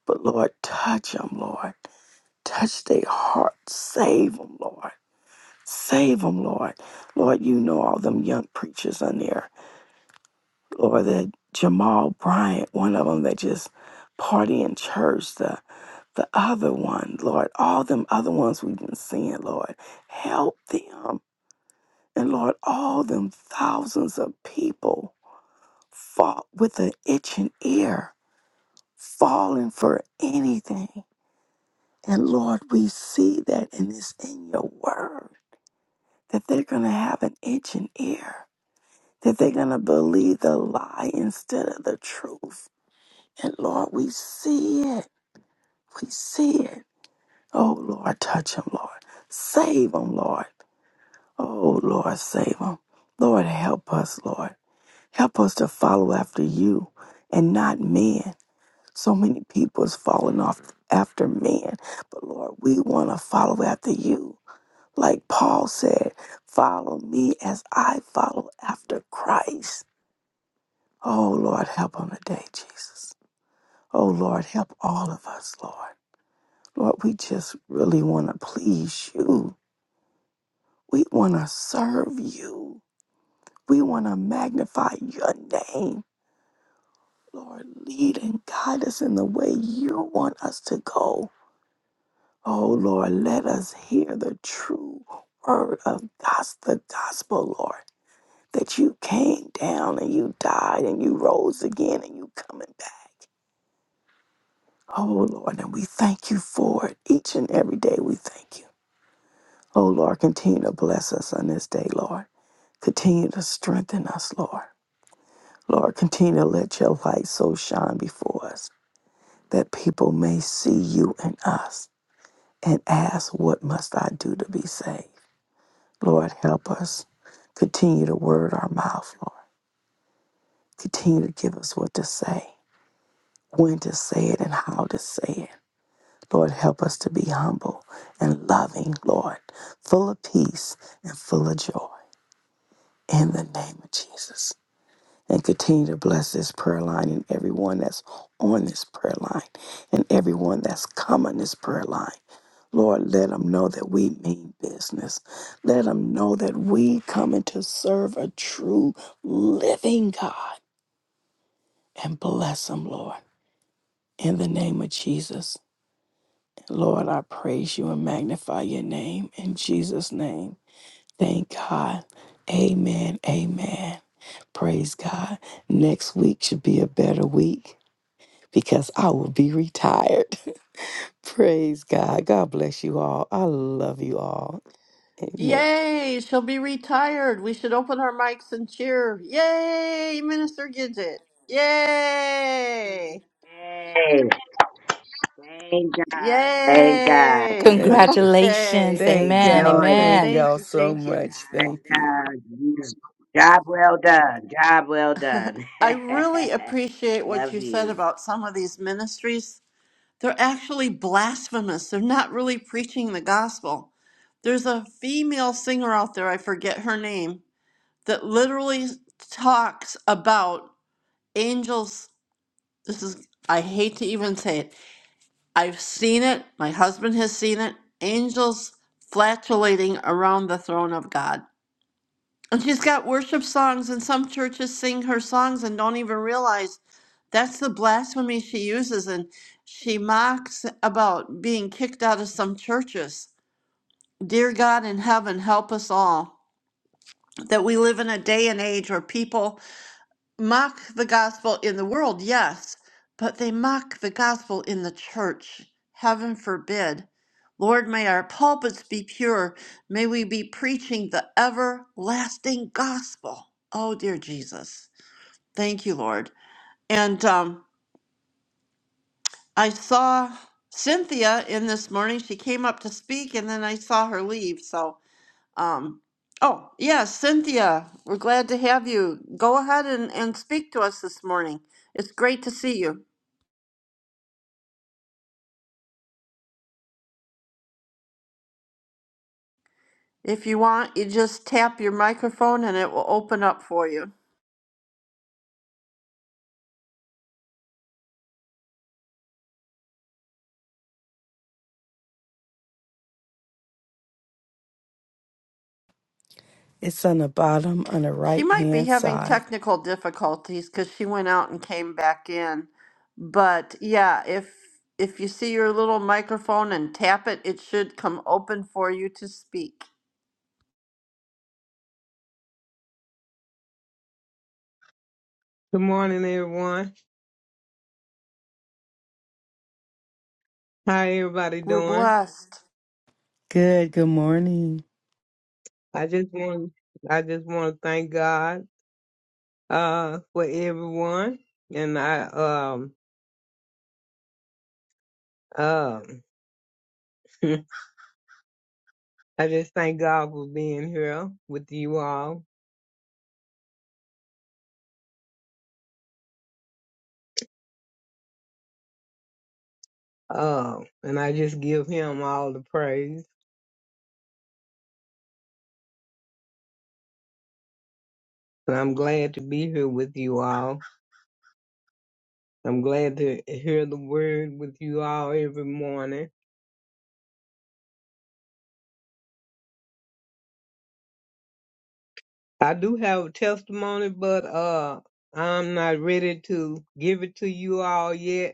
But Lord, touch them, Lord. Touch their heart. Save them, Lord. Save them, Lord. Lord, you know all them young preachers on there or the Jamal Bryant, one of them that just party in church, the the other one, Lord, all them other ones we've been seeing, Lord, help them. And Lord, all them thousands of people fought with an itching ear, falling for anything. And Lord, we see that and it's in your word that they're gonna have an itching ear, that they're gonna believe the lie instead of the truth And Lord, we see it. We see it. Oh, Lord, touch him, Lord. Save him, Lord. Oh, Lord, save him. Lord, help us, Lord. Help us to follow after you and not men. So many people is falling off after men. But Lord, we want to follow after you. Like Paul said, follow me as I follow after Christ. Oh, Lord, help him today, Jesus. Oh, Lord, help all of us, Lord. Lord, we just really want to please you. We want to serve you. We want to magnify your name. Lord, lead and guide us in the way you want us to go. Oh, Lord, let us hear the true word of gos- the gospel, Lord, that you came down and you died and you rose again and you coming back. Oh, Lord, and we thank you for it each and every day. We thank you. Oh, Lord, continue to bless us on this day, Lord. Continue to strengthen us, Lord. Lord, continue to let your light so shine before us that people may see you and us and ask, What must I do to be saved? Lord, help us. Continue to word our mouth, Lord. Continue to give us what to say, when to say it, and how to say it. Lord, help us to be humble and loving, Lord, full of peace and full of joy. In the name of Jesus. and continue to bless this prayer line and everyone that's on this prayer line and everyone that's coming this prayer line. Lord, let them know that we mean business. Let them know that we coming to serve a true living God and bless them, Lord. In the name of Jesus, Lord, I praise you and magnify your name. In Jesus' name, thank God. Amen. Amen. Praise God. Next week should be a better week. because I will be retired. Praise God. God bless you all. I love you all. Amen. Yay, she'll be retired. We should open our mics and cheer. Yay, Minister Gidget. Yay. Hey, thank God, thank God, Yay. and, Thank, Congratulations. Okay. and thank Amen. y'all. enjoy it. Thank Amen. Thank y'all you. so Thank you. much. Hot Thank you. dogs, yes. Job well done, job well done. I really appreciate what love you said you. about some of these ministries. They're actually blasphemous. They're not really preaching the gospel. There's a female singer out there, I forget her name, that literally talks about angels this is I hate to even say it. I've seen it. My husband has seen it. Angels flatulating around the throne of God. And she's got worship songs and some churches sing her songs and don't even realize that's the blasphemy she uses and she mocks about being kicked out of some churches. Dear God in heaven, help us all that we live in a day and age where people mock the gospel in the world, yes, but they mock the gospel in the church. Heaven forbid. Lord, may our pulpits be pure. May we be preaching the everlasting gospel. Oh, dear Jesus. Thank you, Lord. And um, I saw Cynthia in this morning. She came up to speak, and then I saw her leave. So. Um, oh, yes, Cynthia, we're glad to have you. Go ahead and, and speak to us this morning. It's great to see you. If you want, you just tap your microphone and it will open up for you. It's on the bottom on the She right might be hand having side. technical difficulties because she went out and came back in. But yeah, if if you see your little microphone and tap it, it should come open for you to speak. Good morning, everyone. How everybody We're doing? blessed. Good. Good morning. I just want I just want to thank God uh for everyone, and I um um I just thank God for being here with you all. Um, and I just give Him all the praise. And I'm glad to be here with you all. I'm glad to hear the word with you all every morning. I do have a testimony, but uh, I'm not ready to give it to you all yet.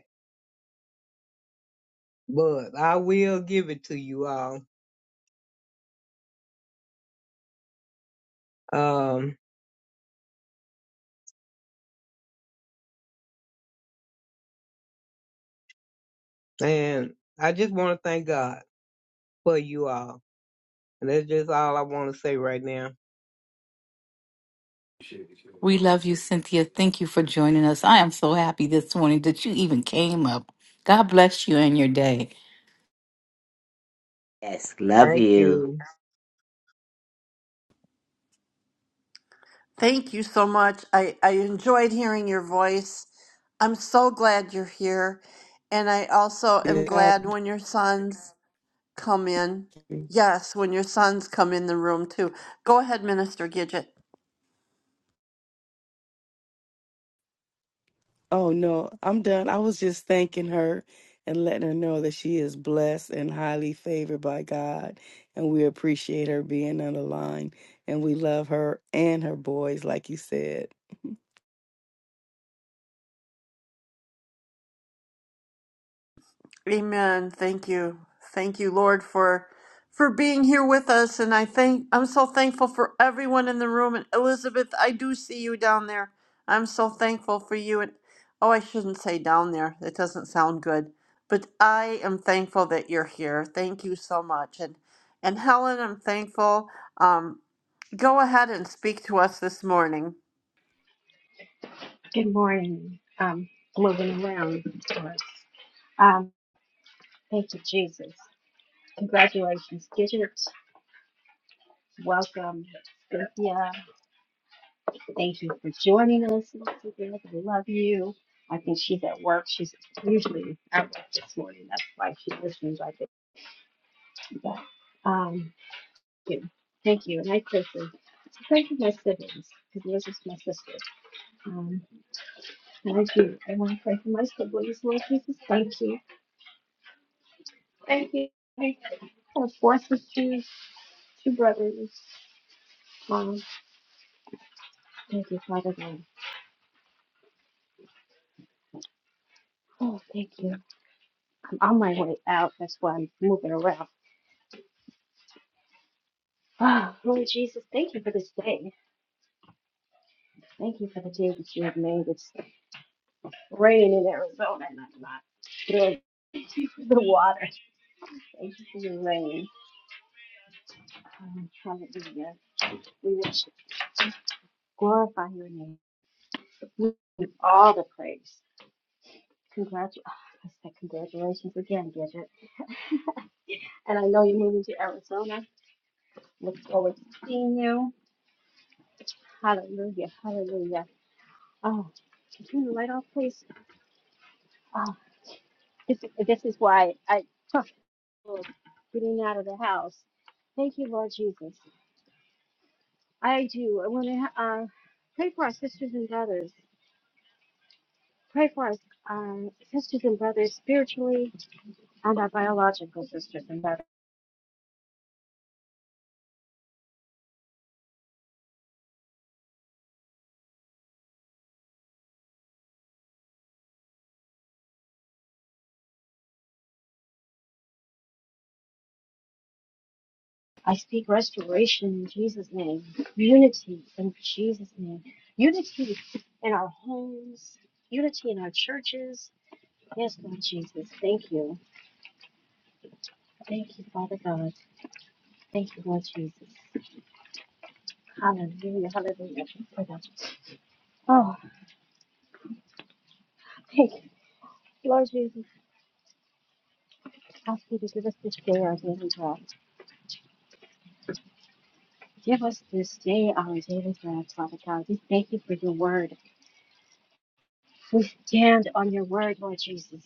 but I will give it to you all. Um, and I just want to thank God for you all. And that's just all I want to say right now. We love you, Cynthia. Thank you for joining us. I am so happy this morning that you even came up. God bless you and your day. Yes, love Thank you. you. Thank you so much. I, I enjoyed hearing your voice. I'm so glad you're here. And I also am Good glad when your sons come in. Yeah, Yes, when your sons come in the room too. Go ahead, Minister Gidget. Oh no, I'm done. I was just thanking her and letting her know that she is blessed and highly favored by God, and we appreciate her being on the line, and we love her and her boys, like you said. Amen. Thank you. Thank you, Lord, for for being here with us. And I think I'm so thankful for everyone in the room. And Elizabeth, I do see you down there. I'm so thankful for you. And oh, I shouldn't say down there. That doesn't sound good. But I am thankful that you're here. Thank you so much. And and Helen, I'm thankful. Um, go ahead and speak to us this morning. Good morning. Um, moving around, of course. Um, thank you, Jesus. Congratulations, Gidget. Welcome, Cynthia. Thank you for joining us. Cynthia, I love you. I think she's at work. She's usually at work this morning. That's why she's listening like this. But, um, good. Thank you. And I quickly pray for my siblings because this is my sister. Um, and I do. I want to pray for my siblings, Lord Jesus. Thank you. Thank you. I have four sisters, two brothers. Mom, thank you, Father God. Oh, thank you. I'm on my way out. That's why I'm moving around. Ah, Lord Jesus, thank you for this day. Thank you for the day that you have made. It's raining in Arizona, and I'm not through the water. Thank you for your rain. Um, hallelujah. We worship, glorify your name. We give all the praise. Congratulations. I said congratulations again, Gidget. And I know you're moving to Arizona. Look forward to seeing you. Hallelujah. Hallelujah. Oh, can you turn the light off, please? Oh, this, this is why I took getting out of the house. Thank you, Lord Jesus. I do. I want to uh, pray for our sisters and brothers. Pray for our uh, sisters and brothers spiritually and our biological sisters and brothers. I speak restoration in Jesus' name, unity in Jesus' name, unity in our homes, unity in our churches. Yes, Lord Jesus, thank you. Thank you, Father God. Thank you, Lord Jesus. Hallelujah, hallelujah. Oh, thank you, Lord Jesus. Ask you to give us this day our daily bread. Give us this day our daily bread, Father God. We thank you for your word. We stand on your word, Lord Jesus.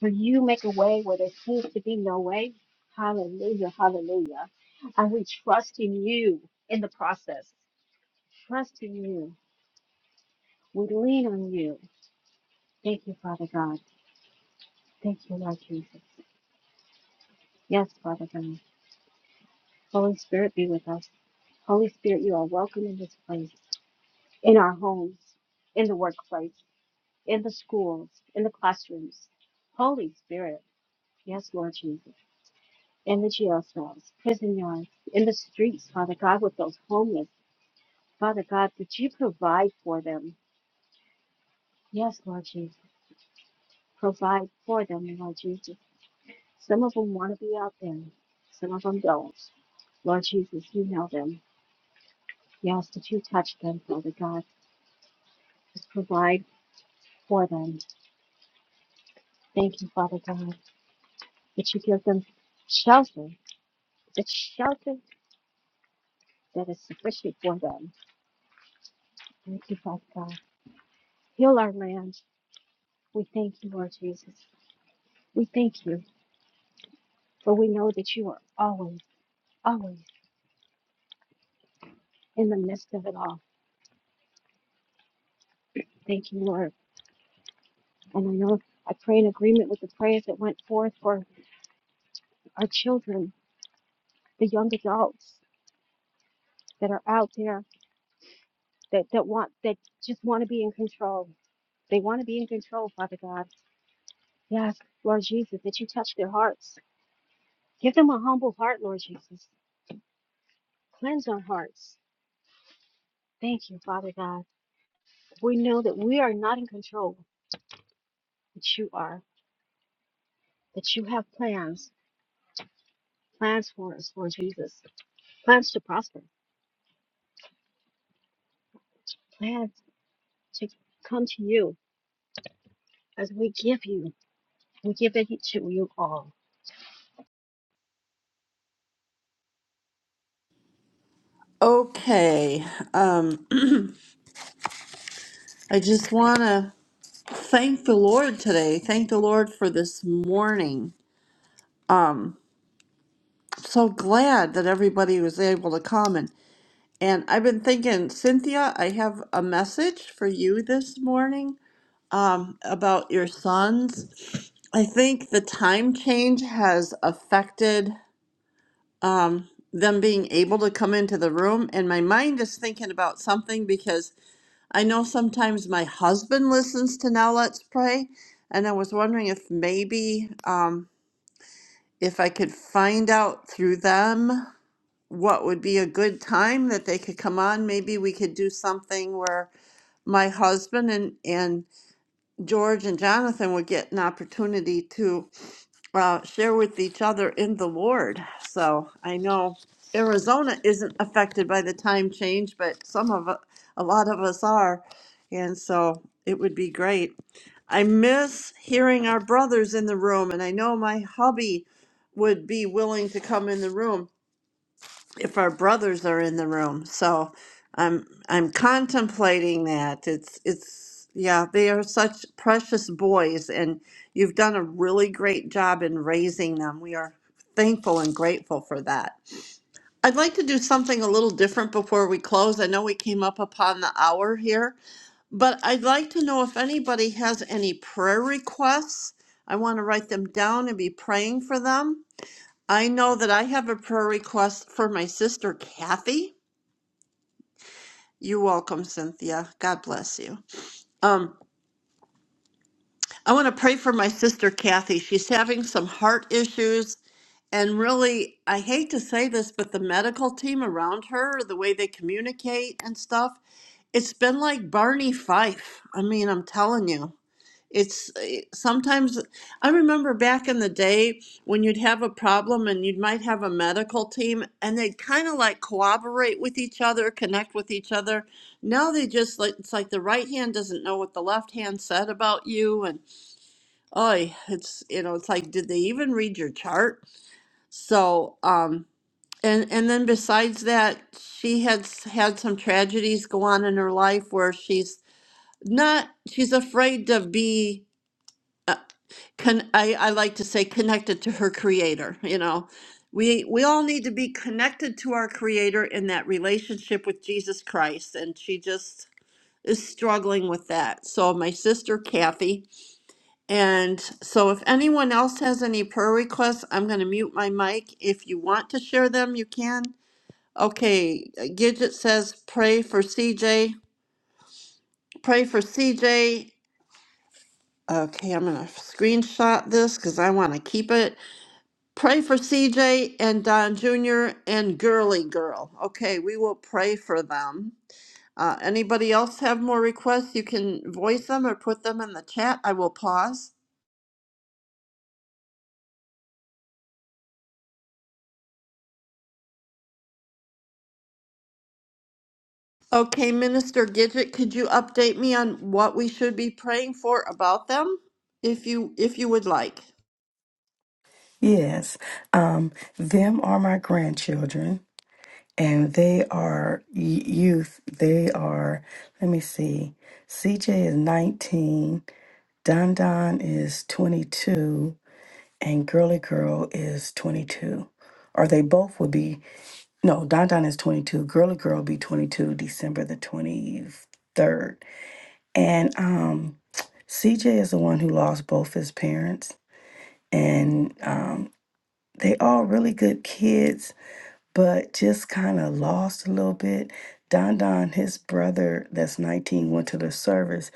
For you make a way where there seems to be no way. Hallelujah, hallelujah. And we trust in you in the process. Trust in you. We lean on you. Thank you, Father God. Thank you, Lord Jesus. Yes, Father God. Holy Spirit, be with us. Holy Spirit, you are welcome in this place, in our homes, in the workplace, in the schools, in the classrooms. Holy Spirit, yes, Lord Jesus. in the jailcells, prison yards, in the streets, Father God, with those homeless. Father God, that you provide for them. Yes, Lord Jesus. Provide for them, Lord Jesus. Some of them want to be out there, some of them don't. Lord Jesus, you know them. Yes, that you touch them, Father God. Just provide for them. Thank you, Father God, that you give them shelter, the shelter that is sufficient for them. Thank you, Father God. Heal our land. We thank you, Lord Jesus. We thank you, for we know that you are always, always in the midst of it all. Thank you, Lord. And I know I pray in agreement with the prayers that went forth for our children, the young adults that are out there that, that want that just want to be in control. They want to be in control, Father God. Yes, Lord Jesus, that you touch their hearts. Give them a humble heart, Lord Jesus. Cleanse our hearts. Thank you, Father God. We know that we are not in control, but you are, that you have plans plans for us, Lord Jesus, plans to prosper, plans to come to you as we give you. We give it to you all. Okay. Um, I just want to. Thank the Lord today. Thank the Lord for this morning. I'm So glad that everybody was able to come and and I've been thinking, Cynthia, I have a message for you this morning um, about your sons. I think the time change has affected um, them being able to come into the room, and my mind is thinking about something because I know sometimes my husband listens to Now Let's Pray, and I was wondering if maybe. um, if I could find out through them what would be a good time that they could come on, maybe we could do something where my husband and, and George and Jonathan would get an opportunity to uh, share with each other in the Lord. So I know Arizona isn't affected by the time change, but some of u- a lot of us are, and so it would be great. I miss hearing our brothers in the room, and I know my hubby would be willing to come in the room if our brothers are in the room. So I'm I'm contemplating that. It's it's yeah, they are such precious boys and you've done a really great job in raising them. We are thankful and grateful for that. I'd like to do something a little different before we close. I know we came up upon the hour here, but I'd like to know if anybody has any prayer requests. I want to write them down and be praying for them. I know that I have a prayer request for my sister Kathy. You're welcome, Cynthia. God bless you. Um, I want to pray for my sister Kathy. She's having some heart issues. And really, I hate to say this, but the medical team around her, the way they communicate and stuff, it's been like Barney Fife. I mean, I'm telling you. It's eh, sometimes I remember back in the day when you'd have a problem and you might have a medical team and they'd kind of like cooperate with each other, connect with each other. Now they just like it's like the right hand doesn't know what the left hand said about you and oh, it's you know, it's like did they even read your chart? So, um and and then besides that, she had s- had some tragedies go on in her life where she's not she's afraid to be. uh, Con I, I like to say connected to her creator, you know. We we all need to be connected to our creator in that relationship with Jesus Christ. And she just is struggling with that. So my sister Kathy. And so if anyone else has any prayer requests, I'm gonna mute my mic. If you want to share them, you can. Okay, Gidget says pray for CJ. Pray for CJ. Okay, I'm gonna screenshot this because I want to keep it. Pray for CJ and Don Jr. and Girly Girl. Okay, we will pray for them. Uh, anybody else have more requests? You can voice them or put them in the chat. I will pause. Okay, Minister Gidget, could you update me on what we should be praying for about them, if you if you would like? Yes. Um, them are my grandchildren, and they are y- youth. They are, let me see, CJ is 19, Don Don is 22, and Girly Girl is 22. Or they both would be. No, Don Don is 22. Girly Girl will be 22 December the 23rd. And um, CJ is the one who lost both his parents. And um, they all really good kids but just kind of lost a little bit. Don Don, his brother that's 19, went to the service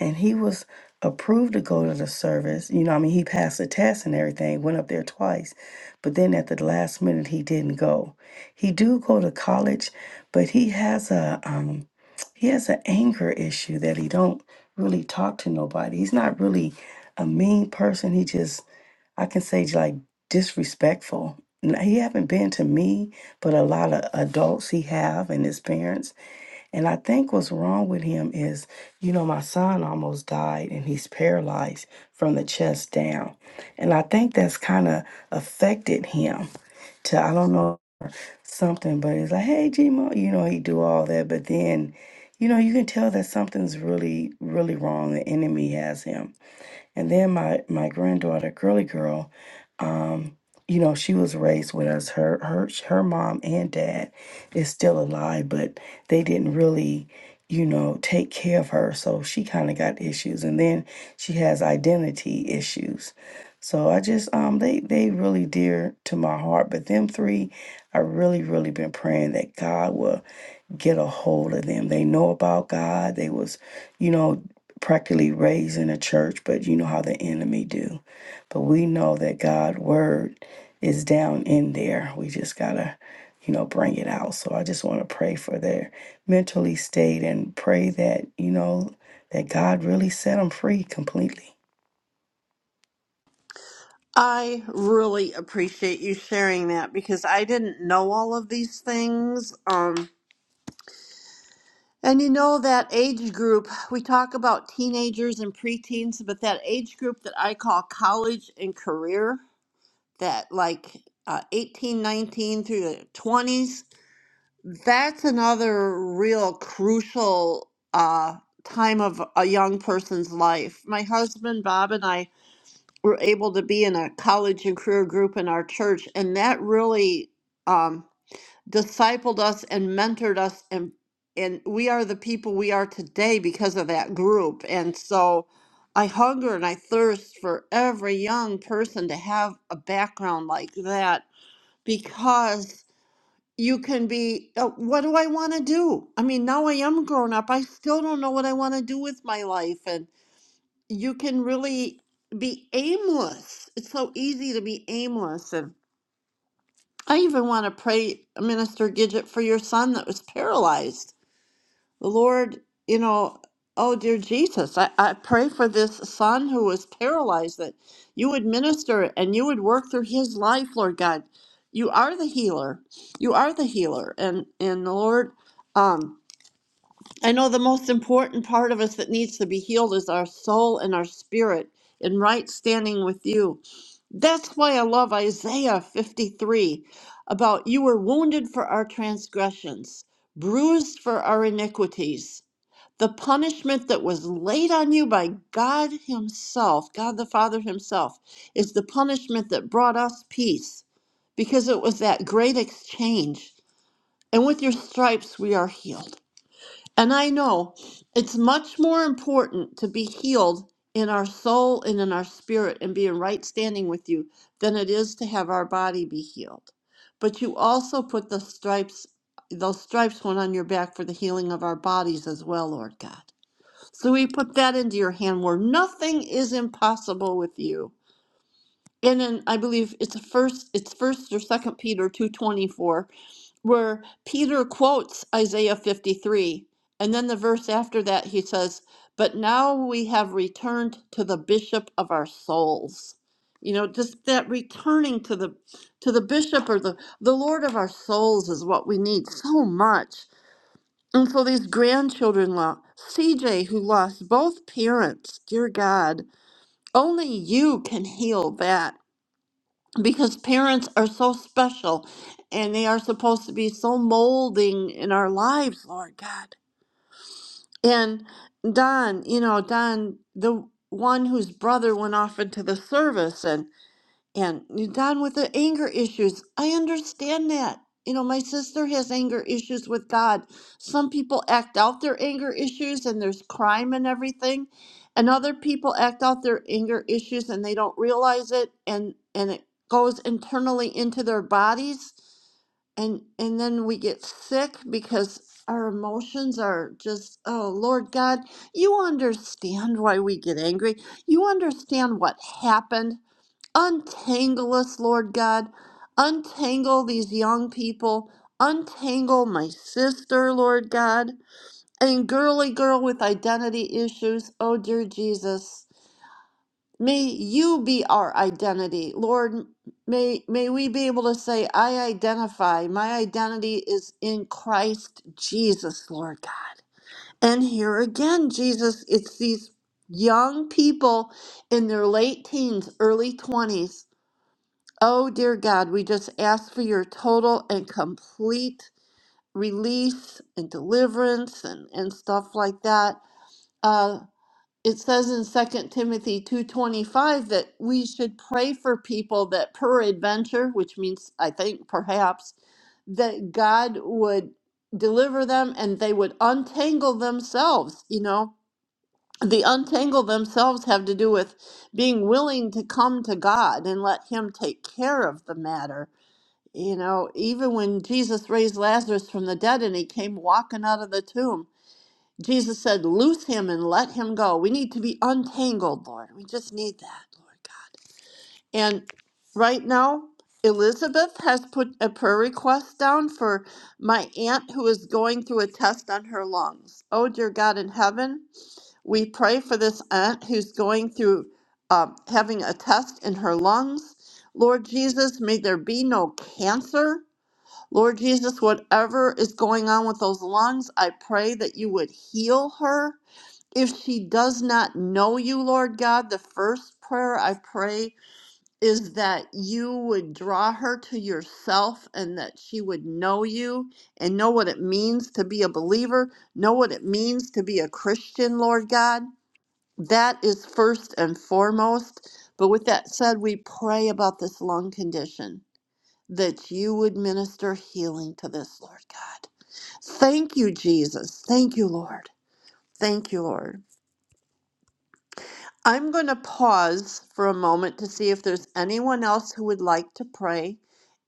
and he was approved to go to the service. You know, I mean, he passed the test and everything, went up there twice, but then at the last minute, he didn't go. He do go to college, but he has a, um, he has an anger issue that he don't really talk to nobody. He's not really a mean person. He just I can say like disrespectful. N- He haven't been to me, but a lot of adults he have and his parents. And I think what's wrong with him is, you know, my son almost died and he's paralyzed from the chest down. And I think that's kind of affected him to I don't know something, but it's like, hey, Gmo, you know, he do all that, but then, you know, you can tell that something's really, really wrong. The enemy has him. And then my my granddaughter, girly girl, um, you know, she was raised with us. Her her her mom and dad is still alive, but they didn't really, you know, take care of her. So she kind of got issues, and then she has identity issues. So I just um they they really dear to my heart. But them three, I really really been praying that God will get a hold of them. They know about God. They was, you know, practically raised in a church, but you know how the enemy do. But we know that God' word is down in there. We just gotta, you know, bring it out. So I just want to pray for their mentally state and pray that you know that God really set them free completely I really appreciate you sharing that because I didn't know all of these things. Um, And you know that age group, we talk about teenagers and preteens, but that age group that I call college and career, that like uh, 18, nineteen through the 20s, that's another real crucial uh, time of a young person's life. My husband, Bob, and I were able to be in a college and career group in our church, and that really. Um, discipled us and mentored us and and we are the people we are today because of that group and so i hunger and i thirst for every young person to have a background like that because you can be uh, what do i want to do i mean now i am grown up i still don't know what i want to do with my life and you can really be aimless it's so easy to be aimless and. I even want to pray, Minister Gidget, for your son that was paralyzed. The Lord, you know, oh dear Jesus, I, I pray for this son who was paralyzed that you would minister and you would work through his life, Lord God. You are the healer. You are the healer. And and the Lord, um, I know the most important part of us that needs to be healed is our soul and our spirit in right standing with you. That's why I love Isaiah 53 about you were wounded for our transgressions, bruised for our iniquities. The punishment that was laid on you by God Himself, God the Father Himself, is the punishment that brought us peace because it was that great exchange. And with your stripes, we are healed. And I know it's much more important to be healed in our soul and in our spirit and be in right standing with you than it is to have our body be healed. But you also put the stripes, those stripes went on your back for the healing of our bodies as well, Lord God. So we put that into your hand where nothing is impossible with you. And then I believe it's a first it's first or second Peter two twenty four where Peter quotes Isaiah 53. And then the verse after that, he says, But now we have returned to the bishop of our souls. You know, just that returning to the to the bishop or the, the Lord of our souls is what we need so much. And so these grandchildren lost CJ who lost both parents, dear God, only you can heal that because parents are so special and they are supposed to be so molding in our lives, Lord God. And Don, you know, Don, the one whose brother went off into the service and you're done with the anger issues. I understand that. You know, my sister has anger issues with God. Some people act out their anger issues and there's crime and everything. And other people act out their anger issues and they don't realize it and and it goes internally into their bodies and and then we get sick because our emotions are just oh Lord God, you understand why we get angry. You understand what happened Untangle us, Lord God. Untangle these young people. Untangle my sister, Lord God. And girly girl with identity issues, oh dear Jesus. May you be our identity. Lord, may, may we be able to say, I identify. My identity is in Christ Jesus, Lord God. And here again, Jesus, it's these young people in their late teens, early 20s Oh, dear God, we just ask for your total and complete release and deliverance and, and stuff like that. Uh, it says in Second Timothy 2.25 that we should pray for people that peradventure, which means I think perhaps, that God would deliver them and they would untangle themselves. You know, the untangle themselves have to do with being willing to come to God and let Him take care of the matter you know, even when Jesus raised Lazarus from the dead and he came walking out of the tomb, Jesus said, Loose him and let him go. We need to be untangled, Lord. We just need that, Lord God. And right now, Elizabeth has put a prayer request down for my aunt who is going through a test on her lungs. Oh, dear God in heaven, we pray for this aunt who's going through um, having a test in her lungs. Lord Jesus, may there be no cancer Lord Jesus, whatever is going on with those lungs, I pray that you would heal her. If she does not know you, Lord God, the first prayer I pray is that you would draw her to yourself and that she would know you and know what it means to be a believer, know what it means to be a Christian, Lord God. That is first and foremost. But with that said, we pray about this lung condition that you would minister healing to this, Lord God. Thank you, Jesus. Thank you, Lord. Thank you, Lord. I'm going to pause for a moment to see if there's anyone else who would like to pray.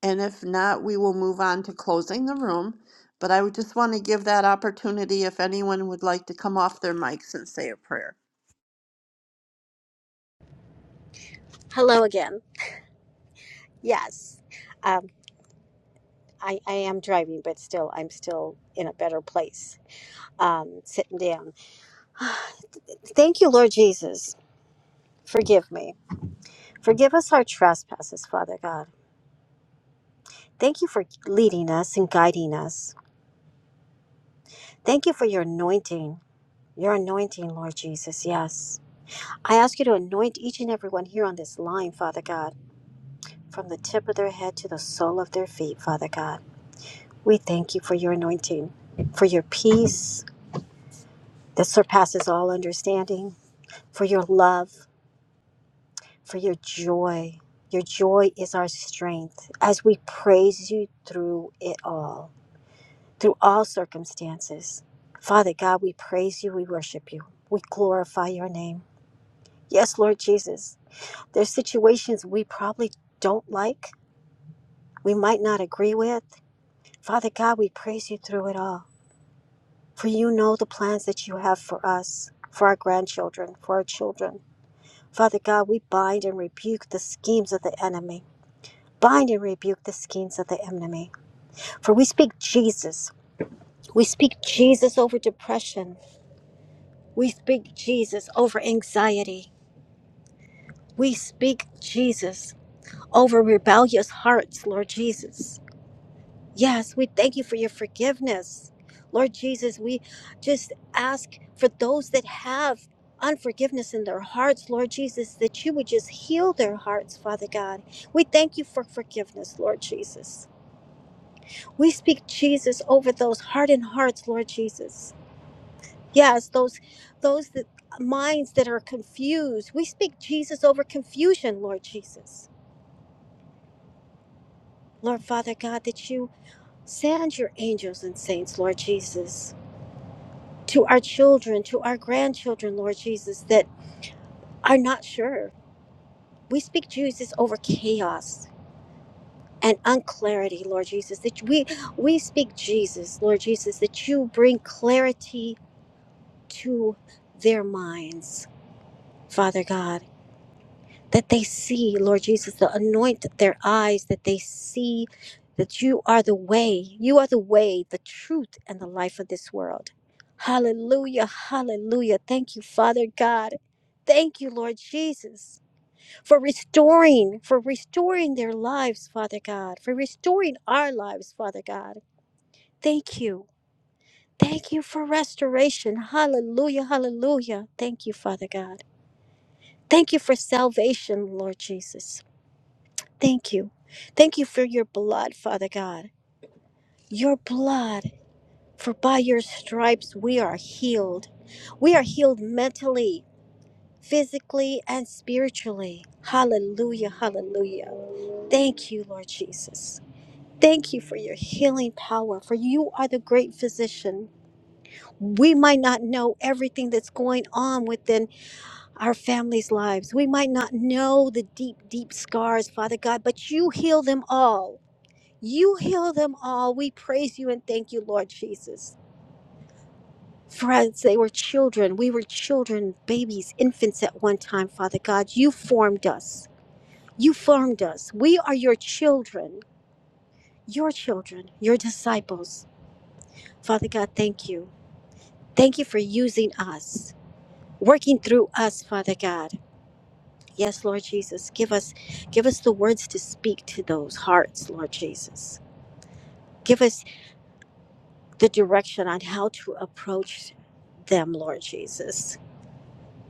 And if not, we will move on to closing the room. But I would just want to give that opportunity if anyone would like to come off their mics and say a prayer. Hello again. Yes. Um, I, I am driving, but still, I'm still in a better place, um, sitting down. Thank you, Lord Jesus. Forgive me. Forgive us our trespasses, Father God. Thank you for leading us and guiding us. Thank you for your anointing, your anointing, Lord Jesus. Yes. I ask you to anoint each and every one here on this line, Father God, from the tip of their head to the sole of their feet, Father God. We thank you for your anointing, for your peace that surpasses all understanding, for your love, for your joy. Your joy is our strength as we praise you through it all, through all circumstances. Father God, we praise you, we worship you, we glorify your name. Yes, Lord Jesus, there's situations we probably don't like we might not agree with. Father God, we praise you through it all. For you know the plans that you have for us, for our grandchildren, for our children. Father God, we bind and rebuke the schemes of the enemy. Bind and rebuke the schemes of the enemy. For we speak Jesus. We speak Jesus over depression. We speak Jesus over anxiety. We speak Jesus over rebellious hearts, Lord Jesus. Yes, we thank you for your forgiveness. Lord Jesus, we just ask for those that have unforgiveness in their hearts, Lord Jesus, that you would just heal their hearts, Father God. We thank you for forgiveness, Lord Jesus. We speak Jesus over those hardened hearts, Lord Jesus. Yes, those those that, minds that are confused. We speak Jesus over confusion, Lord Jesus. Lord Father God, that you send your angels and saints, Lord Jesus to our children, to our grandchildren, Lord Jesus, that are not sure. We speak Jesus over chaos and unclarity, Lord Jesus. That we we speak Jesus, Lord Jesus, that you bring clarity to their minds, Father God. that they see, Lord Jesus, to anoint their eyes, that they see that you are the way, you are the way, the truth, and the life of this world. Hallelujah, hallelujah. Thank you, Father God. Thank you, Lord Jesus, for restoring, for restoring their lives, Father God, for restoring our lives, Father God. Thank you. Thank you for restoration. Hallelujah, hallelujah. Thank you, Father God. Thank you for salvation, Lord Jesus. Thank you. Thank you for your blood, Father God. Your blood, for by your stripes we are healed. We are healed mentally, physically, and spiritually. Hallelujah, hallelujah. Thank you, Lord Jesus. Thank you for your healing power, for you are the great physician. We might not know everything that's going on within our families' lives. We might not know the deep, deep scars, Father God, but you heal them all. You heal them all. We praise you and thank you, Lord Jesus. Friends, they were children. We were children, babies, infants at one time, Father God. You formed us. You formed us. We are your children, your children, your disciples. Father God, thank you. Thank you for using us, working through us, Father God. Yes, Lord Jesus, give us give us the words to speak to those hearts, Lord Jesus. Give us. the direction on how to approach them, Lord Jesus.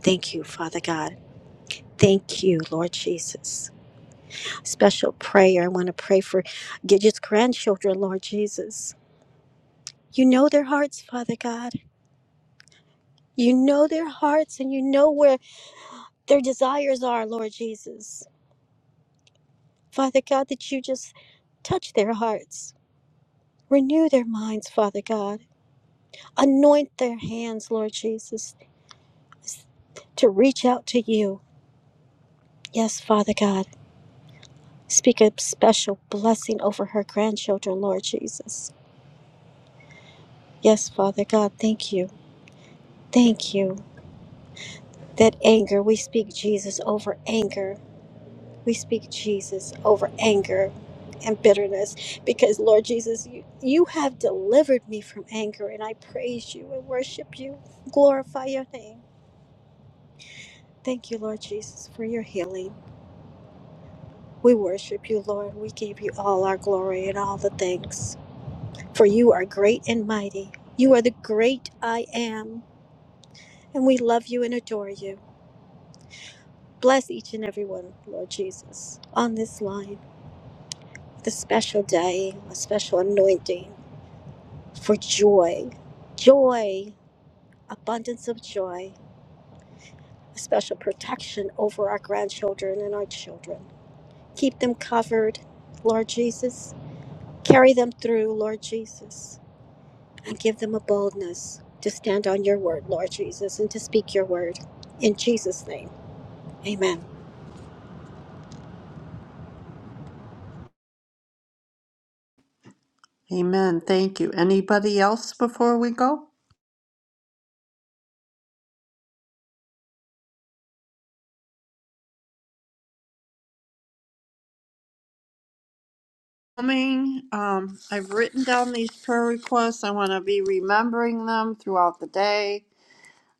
Thank you, Father God. Thank you, Lord Jesus. Special prayer. I want to pray for Gidget's grandchildren, Lord Jesus. You know their hearts, Father God. You know their hearts and you know where their desires are, Lord Jesus. Father God, that you just touch their hearts. Renew their minds, Father God. Anoint their hands, Lord Jesus, to reach out to you. Yes, Father God. Speak a special blessing over her grandchildren, Lord Jesus. Yes, Father God, thank you. Thank you. That anger, we speak Jesus over anger. We speak Jesus over anger and bitterness because, Lord Jesus, you, you have delivered me from anger and I praise you and worship you. Glorify your name. Thank you, Lord Jesus, for your healing. We worship you, Lord. We give you all our glory and all the thanks. For you are great and mighty. You are the great I am, and we love you and adore you. Bless each and every one, Lord Jesus, on this line with a special day, a special anointing for joy, joy, abundance of joy, a special protection over our grandchildren and our children. Keep them covered, Lord Jesus. Carry them through, Lord Jesus. and give them a boldness to stand on your word, Lord Jesus, and to speak your word. In Jesus' name, amen. Amen. Thank you. Anybody else before we go? coming. Um, I've written down these prayer requests. I want to be remembering them throughout the day.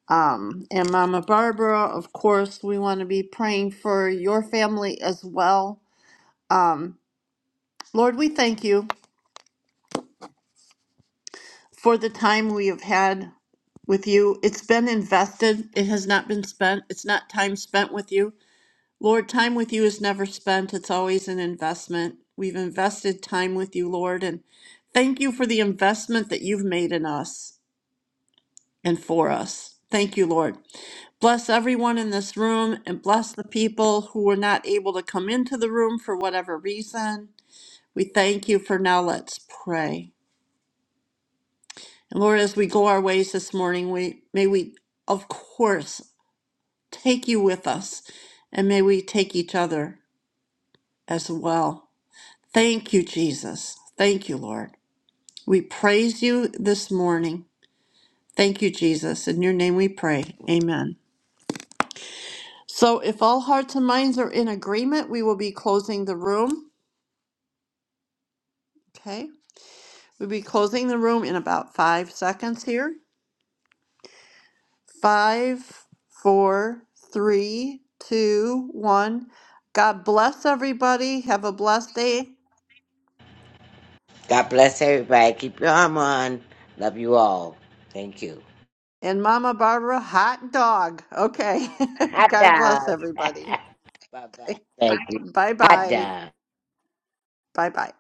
Um, and Mama Barbara, of course, we want to be praying for your family as well. Um, Lord, we thank you for the time we have had with you. It's been invested, it has not been spent. It's not time spent with you. Lord, time with you is never spent, it's always an investment. We've invested time with you, Lord, and thank you for the investment that you've made in us. and for us. Thank you, Lord. Bless everyone in this room and bless the people who were not able to come into the room for whatever reason. We thank you for now. Let's pray. And Lord, as we go our ways this morning, we may we, of course, take you with us and may we take each other as well. Thank you, Jesus. Thank you, Lord. We praise you this morning. Thank you, Jesus. In your name we pray. Amen. So if all hearts and minds are in agreement, we will be closing the room. Okay, we'll be closing the room in about five seconds here. Five, four, three, two, one. God bless everybody. Have a blessed day. God bless everybody. Keep your arm on. Love you all. Thank you. And Mama Barbara, hot dog. Okay. Hot God bless dog. everybody. Bye bye. Okay. Thank you. Bye Hot bye. dog. Bye bye.